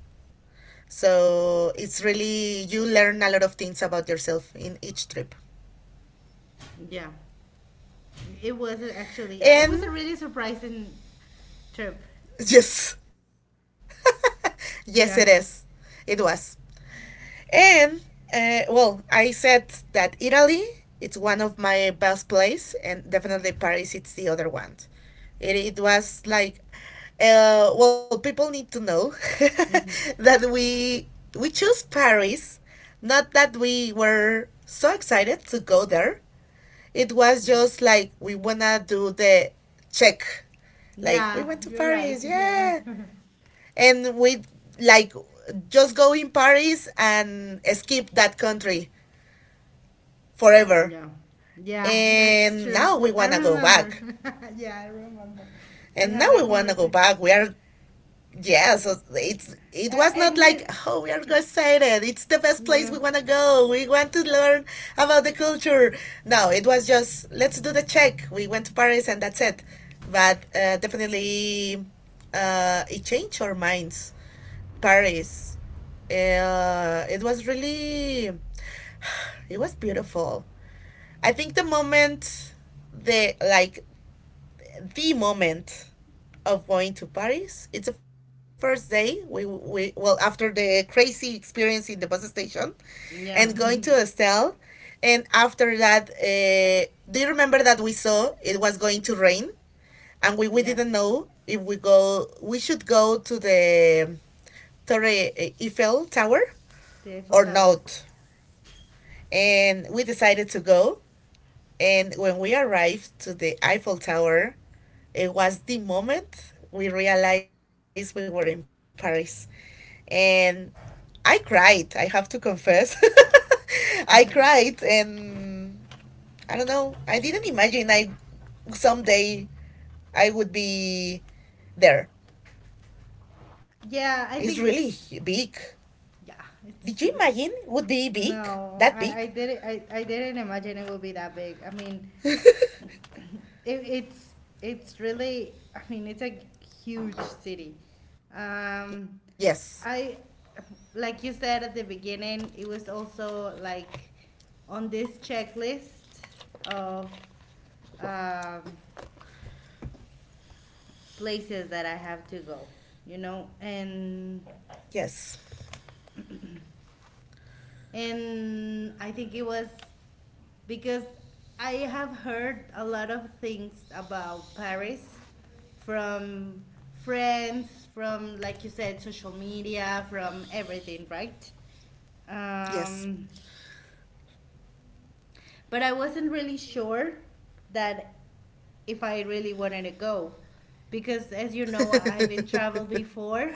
[SPEAKER 1] So it's really, you learn a lot of things about yourself in each trip.
[SPEAKER 2] Yeah, it was actually it was a really
[SPEAKER 1] And
[SPEAKER 2] surprising trip.
[SPEAKER 1] yes, yes,
[SPEAKER 2] Yeah,
[SPEAKER 1] it is. It was. And well, I said that Italy it's one of my best place, and
[SPEAKER 2] hmm
[SPEAKER 1] definitely Paris it's the other one. It was like, well, people need to know
[SPEAKER 2] hmm
[SPEAKER 1] that we chose Paris, not that we were so excited to go there. It was just like we wanna do the check, like we
[SPEAKER 2] yeah,
[SPEAKER 1] went to
[SPEAKER 2] you're right.
[SPEAKER 1] Paris,
[SPEAKER 2] Yeah,
[SPEAKER 1] yeah and we like just go in Paris and skip that country forever.
[SPEAKER 2] yeah, yeah. That's
[SPEAKER 1] And
[SPEAKER 2] true.
[SPEAKER 1] now we
[SPEAKER 2] I
[SPEAKER 1] wanna go
[SPEAKER 2] remember.
[SPEAKER 1] back.
[SPEAKER 2] Yeah, I remember. We
[SPEAKER 1] And now
[SPEAKER 2] had
[SPEAKER 1] we
[SPEAKER 2] that
[SPEAKER 1] wanna go
[SPEAKER 2] conversation,
[SPEAKER 1] back. We are yeah, so it's it was not
[SPEAKER 2] and
[SPEAKER 1] like,
[SPEAKER 2] we
[SPEAKER 1] oh we are so excited. It's the best place
[SPEAKER 2] yeah
[SPEAKER 1] we wanna go. We want to learn about the culture. No, it was just let's do the check. We went to Paris and that's it. But definitely, it changed our minds Paris. It was really, it was beautiful. I think the moment, the like the moment of going to Paris. It's the first day we well after the crazy experience in the bus station, and
[SPEAKER 2] yeah
[SPEAKER 1] going to Estelle, and after that, do you remember that we saw it was going to rain, and we
[SPEAKER 2] yeah
[SPEAKER 1] didn't know if we should go to the Torre eh, Eiffel Tower
[SPEAKER 2] the Eiffel
[SPEAKER 1] or
[SPEAKER 2] Tower.
[SPEAKER 1] not. And we decided to go. And when we arrived to the Eiffel Tower, it was the moment we realized we were in Paris. And I cried, I have to confess. I cried, and I don't know, I didn't imagine I someday I would be there.
[SPEAKER 2] Yeah, I
[SPEAKER 1] It's
[SPEAKER 2] think
[SPEAKER 1] really big.
[SPEAKER 2] Yeah, it's
[SPEAKER 1] Did you
[SPEAKER 2] huge.
[SPEAKER 1] imagine it would be big?
[SPEAKER 2] No,
[SPEAKER 1] That big?
[SPEAKER 2] I didn't imagine it would be that big. I mean, it, it's it's really I mean it's a huge city. Um,
[SPEAKER 1] Yes.
[SPEAKER 2] I like you said at the beginning, it was also like on this checklist of um, places that I have to go. You know,
[SPEAKER 1] Yes.
[SPEAKER 2] and I think it was because I have heard a lot of things about Paris from friends, from like you said, social media, from everything, right?
[SPEAKER 1] Yes.
[SPEAKER 2] Um, but I wasn't really sure that if I really wanted to go, because as you know I've been traveled before,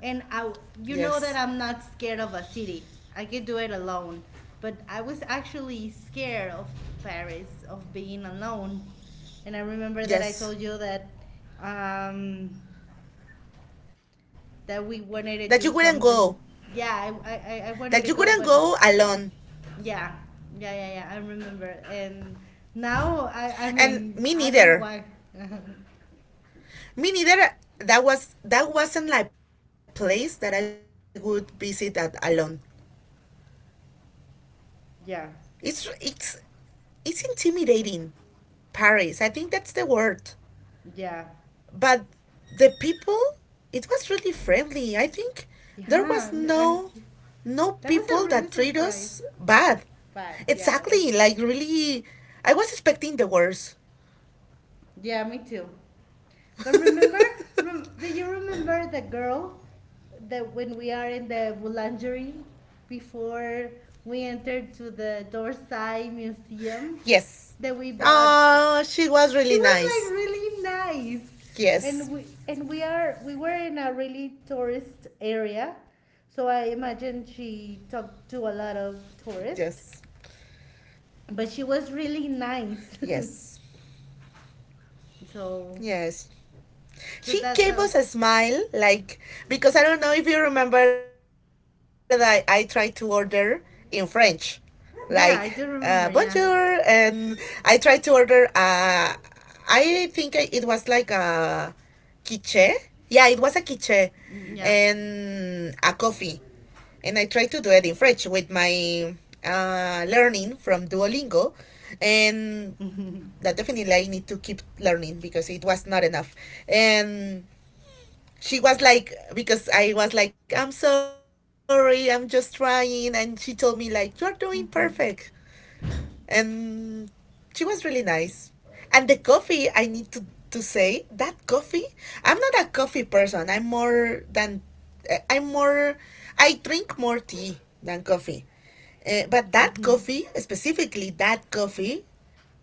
[SPEAKER 2] and I you know that
[SPEAKER 1] yes.
[SPEAKER 2] I'm not scared of a city. I can do it alone, but I was actually scared of Paris of being alone. And I remember that I told you
[SPEAKER 1] Yes.
[SPEAKER 2] that um that we wanted to
[SPEAKER 1] That
[SPEAKER 2] do
[SPEAKER 1] you wouldn't
[SPEAKER 2] something.
[SPEAKER 1] go.
[SPEAKER 2] Yeah, I wanted to
[SPEAKER 1] That you
[SPEAKER 2] go,
[SPEAKER 1] wouldn't
[SPEAKER 2] but
[SPEAKER 1] go alone.
[SPEAKER 2] yeah, yeah, yeah, yeah. I remember, and now I
[SPEAKER 1] And
[SPEAKER 2] mean,
[SPEAKER 1] me
[SPEAKER 2] I don't know
[SPEAKER 1] neither.
[SPEAKER 2] why.
[SPEAKER 1] Me neither. That was that wasn't like place that I would visit at alone.
[SPEAKER 2] Yeah,
[SPEAKER 1] It's it's intimidating. Paris. I think that's the word.
[SPEAKER 2] yeah,
[SPEAKER 1] But the people it was really friendly, I think there
[SPEAKER 2] yeah.
[SPEAKER 1] was
[SPEAKER 2] And
[SPEAKER 1] no no
[SPEAKER 2] that was a
[SPEAKER 1] people
[SPEAKER 2] really
[SPEAKER 1] that treat
[SPEAKER 2] surprise,
[SPEAKER 1] us bad,
[SPEAKER 2] but yeah,
[SPEAKER 1] exactly
[SPEAKER 2] that's
[SPEAKER 1] like really I was expecting the worst.
[SPEAKER 2] yeah, me too. But remember, do you remember the girl that when we are in the boulangerie before we entered to the Dorsai Museum
[SPEAKER 1] Yes,
[SPEAKER 2] that we bought?
[SPEAKER 1] she was
[SPEAKER 2] She
[SPEAKER 1] really
[SPEAKER 2] was like
[SPEAKER 1] nice.
[SPEAKER 2] really nice, and
[SPEAKER 1] Yes,
[SPEAKER 2] we were in a really tourist area, so I imagine she
[SPEAKER 1] yes,
[SPEAKER 2] talked to a lot of tourists, but she was
[SPEAKER 1] yes,
[SPEAKER 2] really nice.
[SPEAKER 1] yes.
[SPEAKER 2] so
[SPEAKER 1] She gave us a
[SPEAKER 2] so
[SPEAKER 1] smile,
[SPEAKER 2] that the
[SPEAKER 1] like because I don't know if you remember that I tried to order in French, like bonjour,
[SPEAKER 2] yeah, I
[SPEAKER 1] and
[SPEAKER 2] do
[SPEAKER 1] I
[SPEAKER 2] remember.
[SPEAKER 1] tried
[SPEAKER 2] Yeah.
[SPEAKER 1] to order. I think it was like a quiche. Yeah, it was a quiche
[SPEAKER 2] Yeah.
[SPEAKER 1] and a coffee, and I tried to do it in French with my learning from Duolingo, and that definitely I need to keep learning because it was not enough. And she was like, because I was like, I'm sorry, I'm just trying. And she told me, like, you're doing perfect.
[SPEAKER 2] Mhm.
[SPEAKER 1] And she was really nice. And the coffee, I need to say, that coffee, I'm not a coffee person. I'm more than, I'm more, I drink more tea than coffee. But that coffee, specifically that coffee,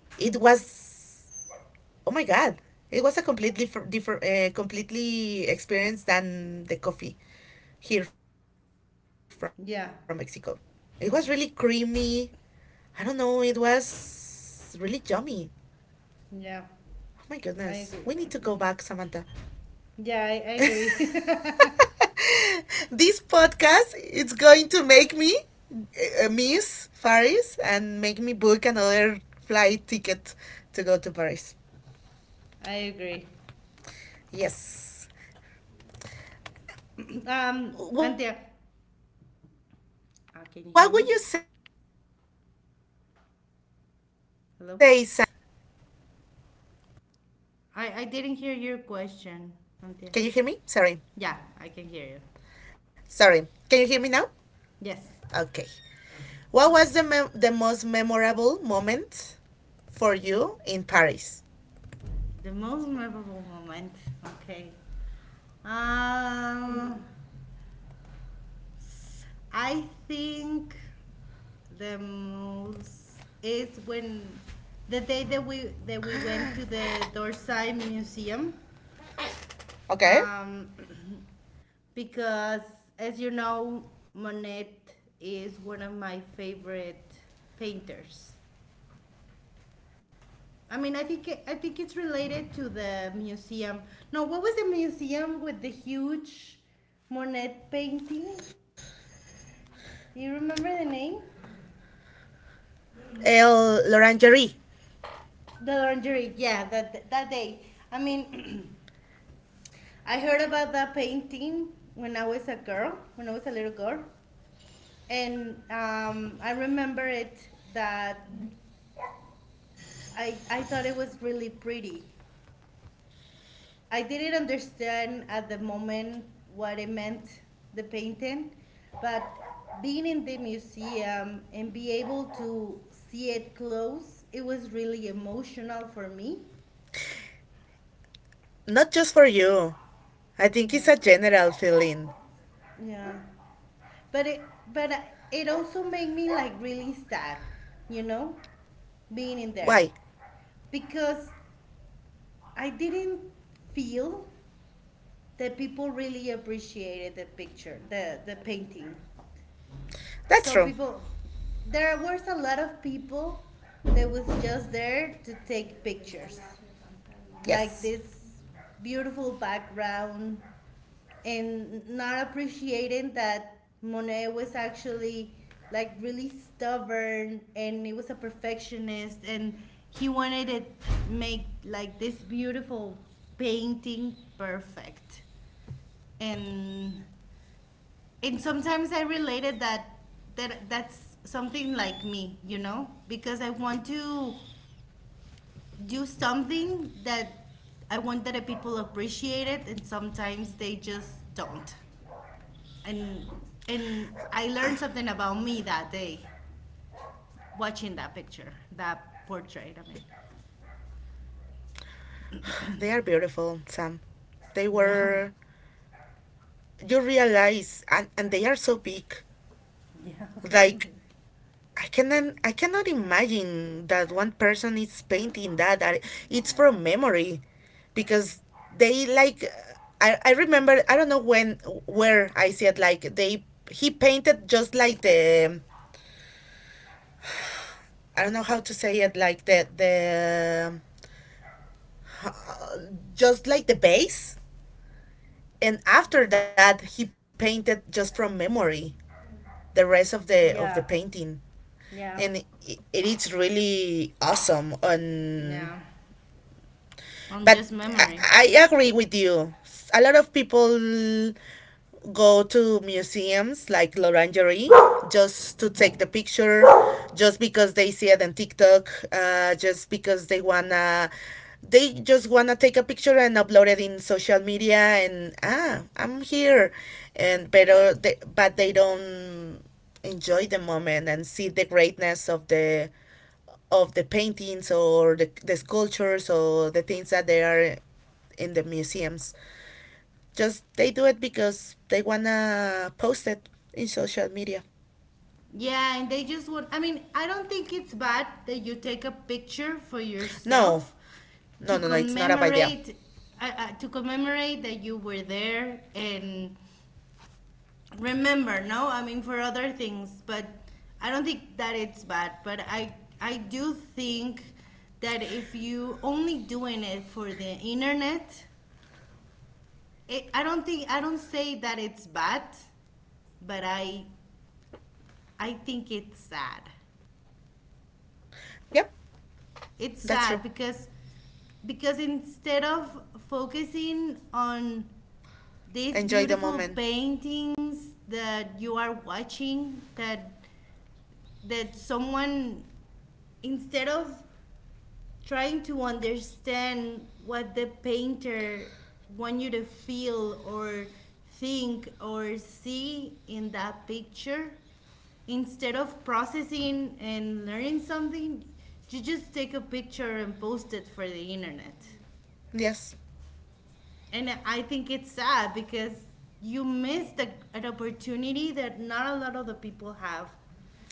[SPEAKER 1] it was oh my God, it was a completely different, different completely experience than the coffee here from
[SPEAKER 2] Yeah.
[SPEAKER 1] Mexico. It was really creamy. I don't know, it was really yummy.
[SPEAKER 2] Yeah.
[SPEAKER 1] Oh
[SPEAKER 2] I
[SPEAKER 1] my
[SPEAKER 2] agree.
[SPEAKER 1] goodness. We need to go back, Samantha.
[SPEAKER 2] Yeah, I agree.
[SPEAKER 1] This podcast it's going to make me miss Paris and make me book another flight ticket to
[SPEAKER 2] I
[SPEAKER 1] go to
[SPEAKER 2] agree.
[SPEAKER 1] Paris. Yes.
[SPEAKER 2] Um, Antia, can you hear
[SPEAKER 1] What
[SPEAKER 2] me?
[SPEAKER 1] would you say,
[SPEAKER 2] Hello?
[SPEAKER 1] Sam, that was for you the most memorable moment?
[SPEAKER 2] I didn't hear your question, Antia. Yeah, I can
[SPEAKER 1] Can you
[SPEAKER 2] hear
[SPEAKER 1] hear me?
[SPEAKER 2] you.
[SPEAKER 1] Sorry. Sorry. Can you hear me now?
[SPEAKER 2] Yes.
[SPEAKER 1] Okay. What was the the most memorable moment for you in Paris?
[SPEAKER 2] The most memorable moment. Okay. Uh, I think the most is when the day that we went to the Dorsey Museum, um,
[SPEAKER 1] Okay.
[SPEAKER 2] because as you know, Monet is one of my favorite painters. I mean, I think it's related to the museum. No, what was the museum with the huge Monet painting? Do you remember the name?
[SPEAKER 1] El L'Orangerie.
[SPEAKER 2] The lingerie, yeah, that that day. I mean, I heard about that painting when I was a girl, when I was a little girl, and I remember it that I thought it was really pretty. I didn't understand at the moment what it meant, the painting, but being in the museum and be able to see it close, it was really emotional for me.
[SPEAKER 1] Not just for you. I think it's
[SPEAKER 2] Yeah.
[SPEAKER 1] a general feeling.
[SPEAKER 2] Yeah. But it but I- It also made me like really sad, you know, being in there
[SPEAKER 1] Why?
[SPEAKER 2] because I didn't feel that people really appreciated the picture, the painting.
[SPEAKER 1] That's
[SPEAKER 2] Some
[SPEAKER 1] true.
[SPEAKER 2] people There was a lot of people that was just there to take pictures. Like
[SPEAKER 1] Yes.
[SPEAKER 2] this beautiful background, and not appreciating that Monet was actually like really stubborn and he was a perfectionist, and he wanted to make like this beautiful painting perfect. and and sometimes I related that that's something like me, you know, because I want to do something that I want that people appreciate it, and sometimes they just don't. And and I learned something about me that day watching that picture, that portrait. I mean,
[SPEAKER 1] They are beautiful, Sam. They
[SPEAKER 2] yeah,
[SPEAKER 1] were, you realize, and they are so big.
[SPEAKER 2] Yeah.
[SPEAKER 1] Like, I cannot imagine that one person is painting that. I- it's
[SPEAKER 2] Yeah.
[SPEAKER 1] from memory, because they like, I remember, I don't know when where I see it, like they, he painted just like the, I don't know how to say it, like the just like the base, and after that he painted just from memory the rest of the
[SPEAKER 2] Yeah.
[SPEAKER 1] painting,
[SPEAKER 2] Yeah.
[SPEAKER 1] and it is really awesome. And
[SPEAKER 2] Yeah. On
[SPEAKER 1] but
[SPEAKER 2] just memory.
[SPEAKER 1] I agree with you. A lot of people go to museums like Lorangerie just to take the picture, just because they see it on TikTok, just because they wanna, they just wanna take a picture and upload it in social media and, ah, I'm here, and pero they, but they don't enjoy the moment and see the greatness of the paintings, or the sculptures, or the things that they are in the museums. Just they do it because they wanna post it in social media.
[SPEAKER 2] Yeah, and they just want. I mean, I don't think it's bad that you take a picture for
[SPEAKER 1] No,
[SPEAKER 2] yourself
[SPEAKER 1] no,
[SPEAKER 2] to
[SPEAKER 1] no, no, it's not a bad idea.
[SPEAKER 2] commemorate to commemorate that you were there and remember. No, I mean for other things, but I don't think that it's bad. But I do think that if you only doing it for the internet, I don't think I don't say that it's bad, but I think it's sad.
[SPEAKER 1] Yep, that's true.
[SPEAKER 2] It's sad because instead of focusing on
[SPEAKER 1] Enjoy
[SPEAKER 2] these
[SPEAKER 1] the moment.
[SPEAKER 2] beautiful paintings that you are watching that that someone instead of trying to understand what the painter want you to feel or think or see in that picture, instead of processing and learning something, you just take a picture and post it for the internet.
[SPEAKER 1] Yes.
[SPEAKER 2] And I think it's sad because you missed an opportunity that not a lot of the people have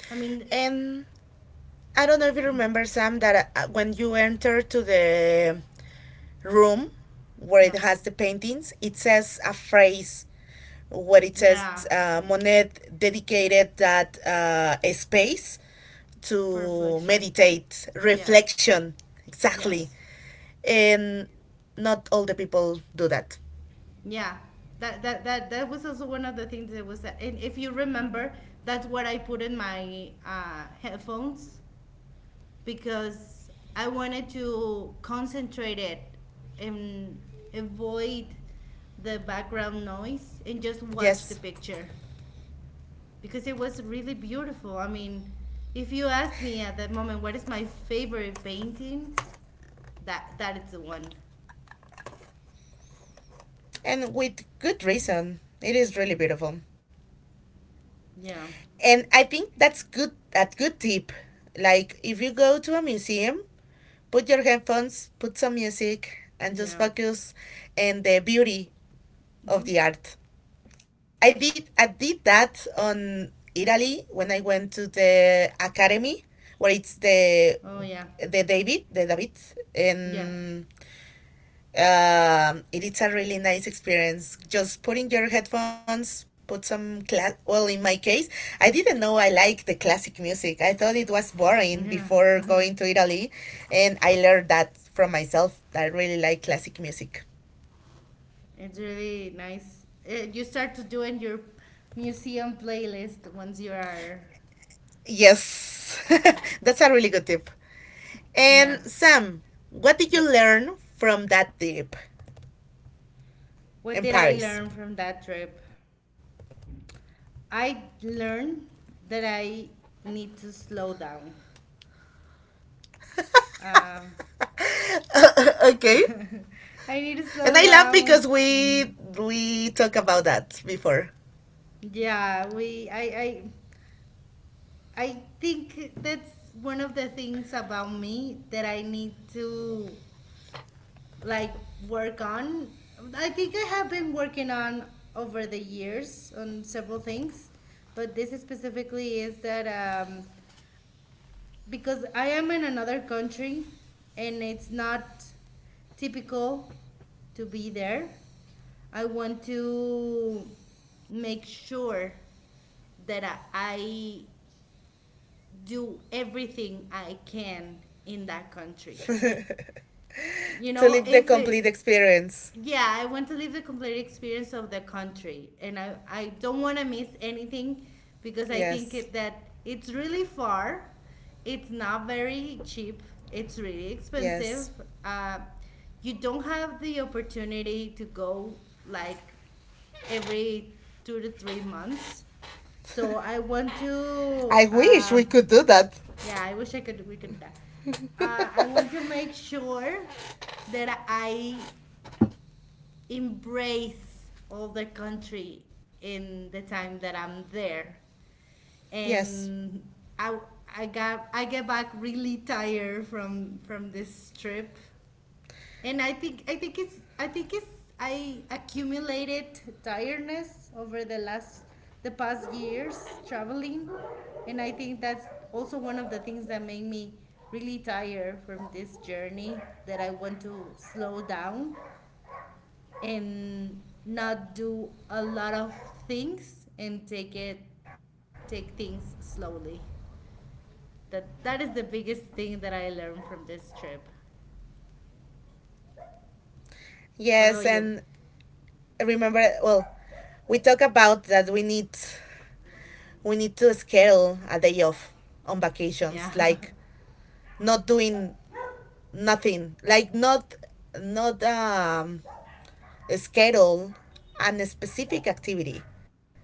[SPEAKER 2] I mean
[SPEAKER 1] And I don't know if you remember, Sam, that when you enter to the room where
[SPEAKER 2] yeah
[SPEAKER 1] it has the paintings, it says a phrase where it says,
[SPEAKER 2] yeah
[SPEAKER 1] Monet dedicated that a space
[SPEAKER 2] for
[SPEAKER 1] to
[SPEAKER 2] reflection
[SPEAKER 1] meditate,
[SPEAKER 2] yeah
[SPEAKER 1] reflection, exactly.
[SPEAKER 2] yes
[SPEAKER 1] And not all the people do that.
[SPEAKER 2] Yeah. That was also one of the things that was, and if you remember that's what I put in my headphones, because I wanted to concentrate it and avoid the background noise and just watch the
[SPEAKER 1] Yes,
[SPEAKER 2] picture, because it was really beautiful. I mean, if you ask me at that moment what is my favorite painting, that that is the one
[SPEAKER 1] and with good reason. It is really beautiful,
[SPEAKER 2] yeah
[SPEAKER 1] and I think that's good. That good tip. Like, if you go to a museum, put your headphones, put some music, and just
[SPEAKER 2] yeah
[SPEAKER 1] focus on the beauty of
[SPEAKER 2] hmm
[SPEAKER 1] the art. I did that on Italy when I went to the academy, where it's the
[SPEAKER 2] oh yeah
[SPEAKER 1] the David
[SPEAKER 2] yeah
[SPEAKER 1] and, um, it is a really nice experience, just putting your headphones, put some class, well, in my case I didn't know I like the classic music, I thought it was boring
[SPEAKER 2] yeah
[SPEAKER 1] before going to Italy, and I learned that from myself, that I really like classic music.
[SPEAKER 2] It's really nice. You start to doing your museum playlist once you are.
[SPEAKER 1] Yes. That's a really good tip.
[SPEAKER 2] Yeah.
[SPEAKER 1] And Sam, what did you
[SPEAKER 2] Yes.
[SPEAKER 1] learn from that trip
[SPEAKER 2] What
[SPEAKER 1] in
[SPEAKER 2] did I
[SPEAKER 1] Paris?
[SPEAKER 2] learn from that trip? I learned that I need to slow down. Um,
[SPEAKER 1] Okay.
[SPEAKER 2] I need
[SPEAKER 1] And
[SPEAKER 2] to
[SPEAKER 1] I laugh
[SPEAKER 2] slow
[SPEAKER 1] because
[SPEAKER 2] down.
[SPEAKER 1] we
[SPEAKER 2] Mm.
[SPEAKER 1] we talked about that before.
[SPEAKER 2] Yeah, we. I. I. I think that's one of the things about me that I need to like work on. I think I have been working on over the years on several things, but this is specifically is that because I am in another country and it's not typical to be there. I want to make sure that I do everything I can in that country. You
[SPEAKER 1] To
[SPEAKER 2] know,
[SPEAKER 1] live the
[SPEAKER 2] if
[SPEAKER 1] complete
[SPEAKER 2] it,
[SPEAKER 1] experience.
[SPEAKER 2] yeah, I want to live the complete experience of the country, and I don't want to miss anything because I
[SPEAKER 1] Yes,
[SPEAKER 2] think it, that it's really far. It's not very cheap. It's really
[SPEAKER 1] yes.
[SPEAKER 2] expensive. Uh, you don't have the opportunity to go like every 2 to 3 months. So I want to.
[SPEAKER 1] I wish we could do that.
[SPEAKER 2] Yeah, I wish I could. We could do that. I want to make sure that I embrace all the country in the time that I'm there.
[SPEAKER 1] Yes,
[SPEAKER 2] And I I got I get back really tired from this trip. And I think it's I accumulated tiredness over the last the past years traveling, and I think that's also one of the things that made me really tired from this journey, that I want to slow down and not do a lot of things and take it take things slowly. That that is the biggest thing that I learned from this trip. What
[SPEAKER 1] yes,
[SPEAKER 2] about you?
[SPEAKER 1] and remember, well, we talk about that we need to schedule a day off on
[SPEAKER 2] Yeah.
[SPEAKER 1] vacations, like not doing nothing, like not not, schedule an specific activity.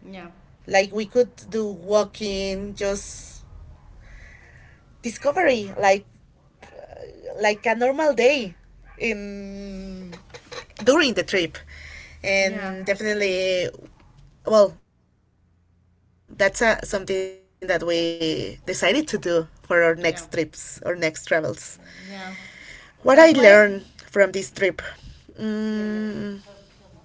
[SPEAKER 2] Yeah.
[SPEAKER 1] Like, we could do walking, just discovery, like a normal day in during the trip,
[SPEAKER 2] Yeah.
[SPEAKER 1] and definitely, well, that's a, something that we decided to do for our next trips or
[SPEAKER 2] Yeah.
[SPEAKER 1] next travels.
[SPEAKER 2] Yeah.
[SPEAKER 1] What I
[SPEAKER 2] That's
[SPEAKER 1] learned
[SPEAKER 2] why
[SPEAKER 1] from this trip,
[SPEAKER 2] Yeah, yeah. Tell, tell
[SPEAKER 1] mm,
[SPEAKER 2] me.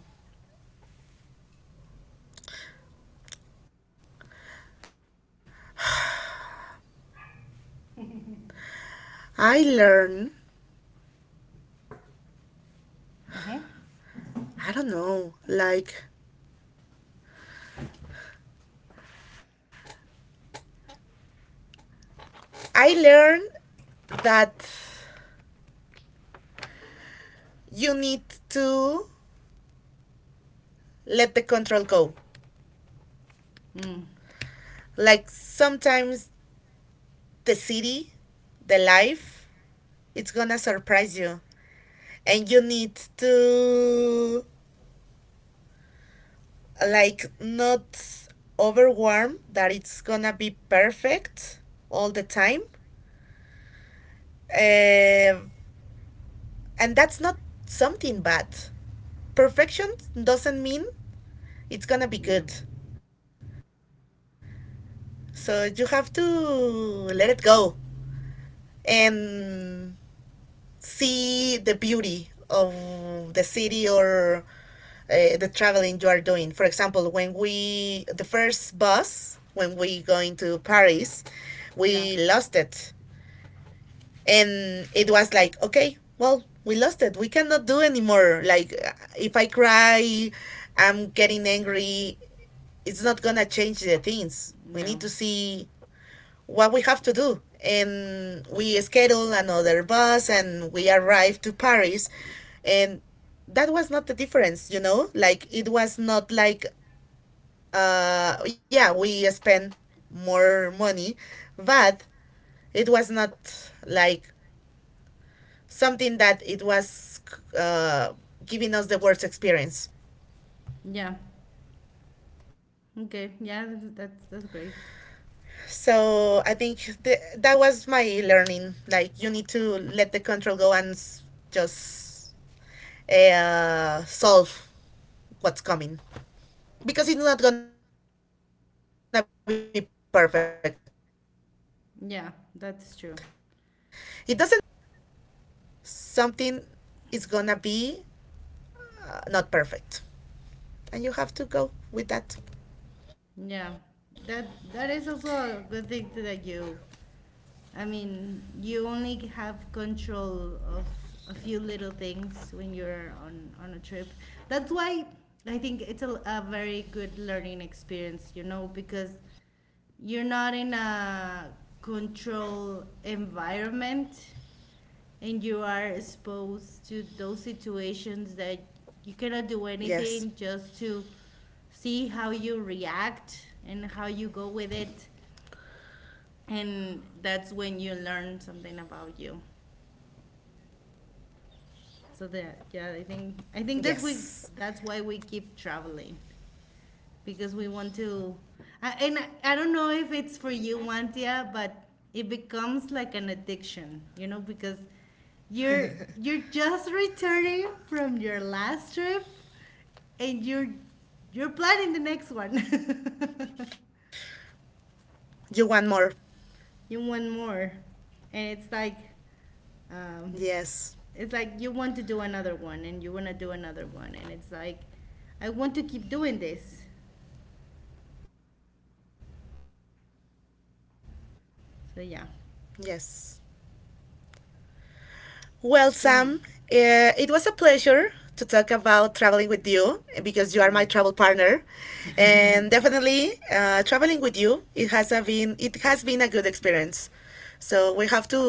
[SPEAKER 1] I learned, I don't know, like I learned that you need to let the control go,
[SPEAKER 2] Mm,
[SPEAKER 1] like sometimes the city, the life, it's gonna surprise you, and you need to, like, not overwhelm that it's gonna be perfect all the time. uh, and that's not something bad. Perfection doesn't mean it's gonna be
[SPEAKER 2] yeah,
[SPEAKER 1] good. So you have to let it go and see the beauty of the city, or the traveling you are doing. For example, when we the first bus when we going to Paris, we
[SPEAKER 2] yeah,
[SPEAKER 1] lost it, and it was like, okay, well, we lost it. We cannot do anymore. Like, if I cry, I'm getting angry. It's not gonna change the things. We
[SPEAKER 2] yeah,
[SPEAKER 1] need to see what we have to do. And we schedule another bus and we arrived to Paris. And that was not the difference, you know? Like, it was not like, yeah, we spent more money, but it was not like something that it was, uh, giving us the worst experience.
[SPEAKER 2] yeah. Okay, yeah, that's that's great.
[SPEAKER 1] So I think that was my learning. Like, you need to let the control go and, just, solve what's coming, because it's not gonna be perfect. It doesn't matter the planning you do,
[SPEAKER 2] Yeah, that's true.
[SPEAKER 1] something is gonna be, not perfect, and you have to go with that.
[SPEAKER 2] Yeah, that that is also a good thing to- that you I mean, you only have control of a few little things when you're on a trip. That's why I think it's a very good learning experience, you know, because you're not in a control environment, and you are exposed to those
[SPEAKER 1] Yes,
[SPEAKER 2] situations that you cannot do anything just to see how you react and how you go with it, and that's when you learn something about you. So that yeah,
[SPEAKER 1] yes.
[SPEAKER 2] I think that's we that's why we keep traveling because we want to. I don't know if it's for you, Wantia, but it becomes like an addiction, you know, because you're you're just returning from your last trip, and you're planning the next one.
[SPEAKER 1] You want more?
[SPEAKER 2] You want more, and um,
[SPEAKER 1] Yes,
[SPEAKER 2] it's like you want to do another one and you want to do another one, and it's like I want to keep doing this
[SPEAKER 1] yes.
[SPEAKER 2] so yeah
[SPEAKER 1] Well, Sam, it was a pleasure to
[SPEAKER 2] so
[SPEAKER 1] talk about traveling with you because you are my travel partner,
[SPEAKER 2] yeah
[SPEAKER 1] and definitely traveling with you, it has a been it has been a good experience. So we have to keep doing it as well.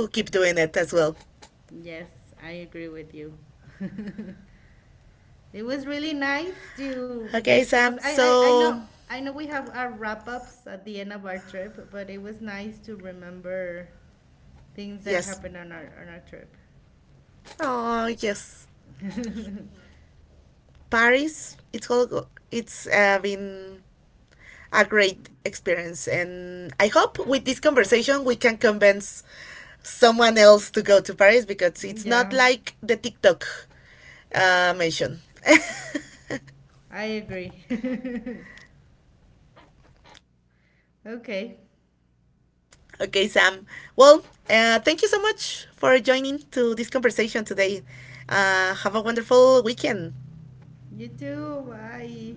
[SPEAKER 2] yes I agree with you. It was really nice
[SPEAKER 1] Okay, Sam.
[SPEAKER 2] to
[SPEAKER 1] So
[SPEAKER 2] discuss I know we have our wrap ups at the end of our trip, but it was nice to remember
[SPEAKER 1] yes,
[SPEAKER 2] things that happened on our trip.
[SPEAKER 1] oh yes, Paris. It's all, it's been a great experience, and I hope with this conversation we can convince someone else to go to Paris because it's not like the
[SPEAKER 2] Yeah,
[SPEAKER 1] TikTok mention.
[SPEAKER 2] I agree.
[SPEAKER 1] Okay, Sam. Well,
[SPEAKER 2] Okay.
[SPEAKER 1] thank you so much for joining to this conversation today. Have a wonderful weekend.
[SPEAKER 2] You too.
[SPEAKER 1] Bye.
[SPEAKER 2] Bye.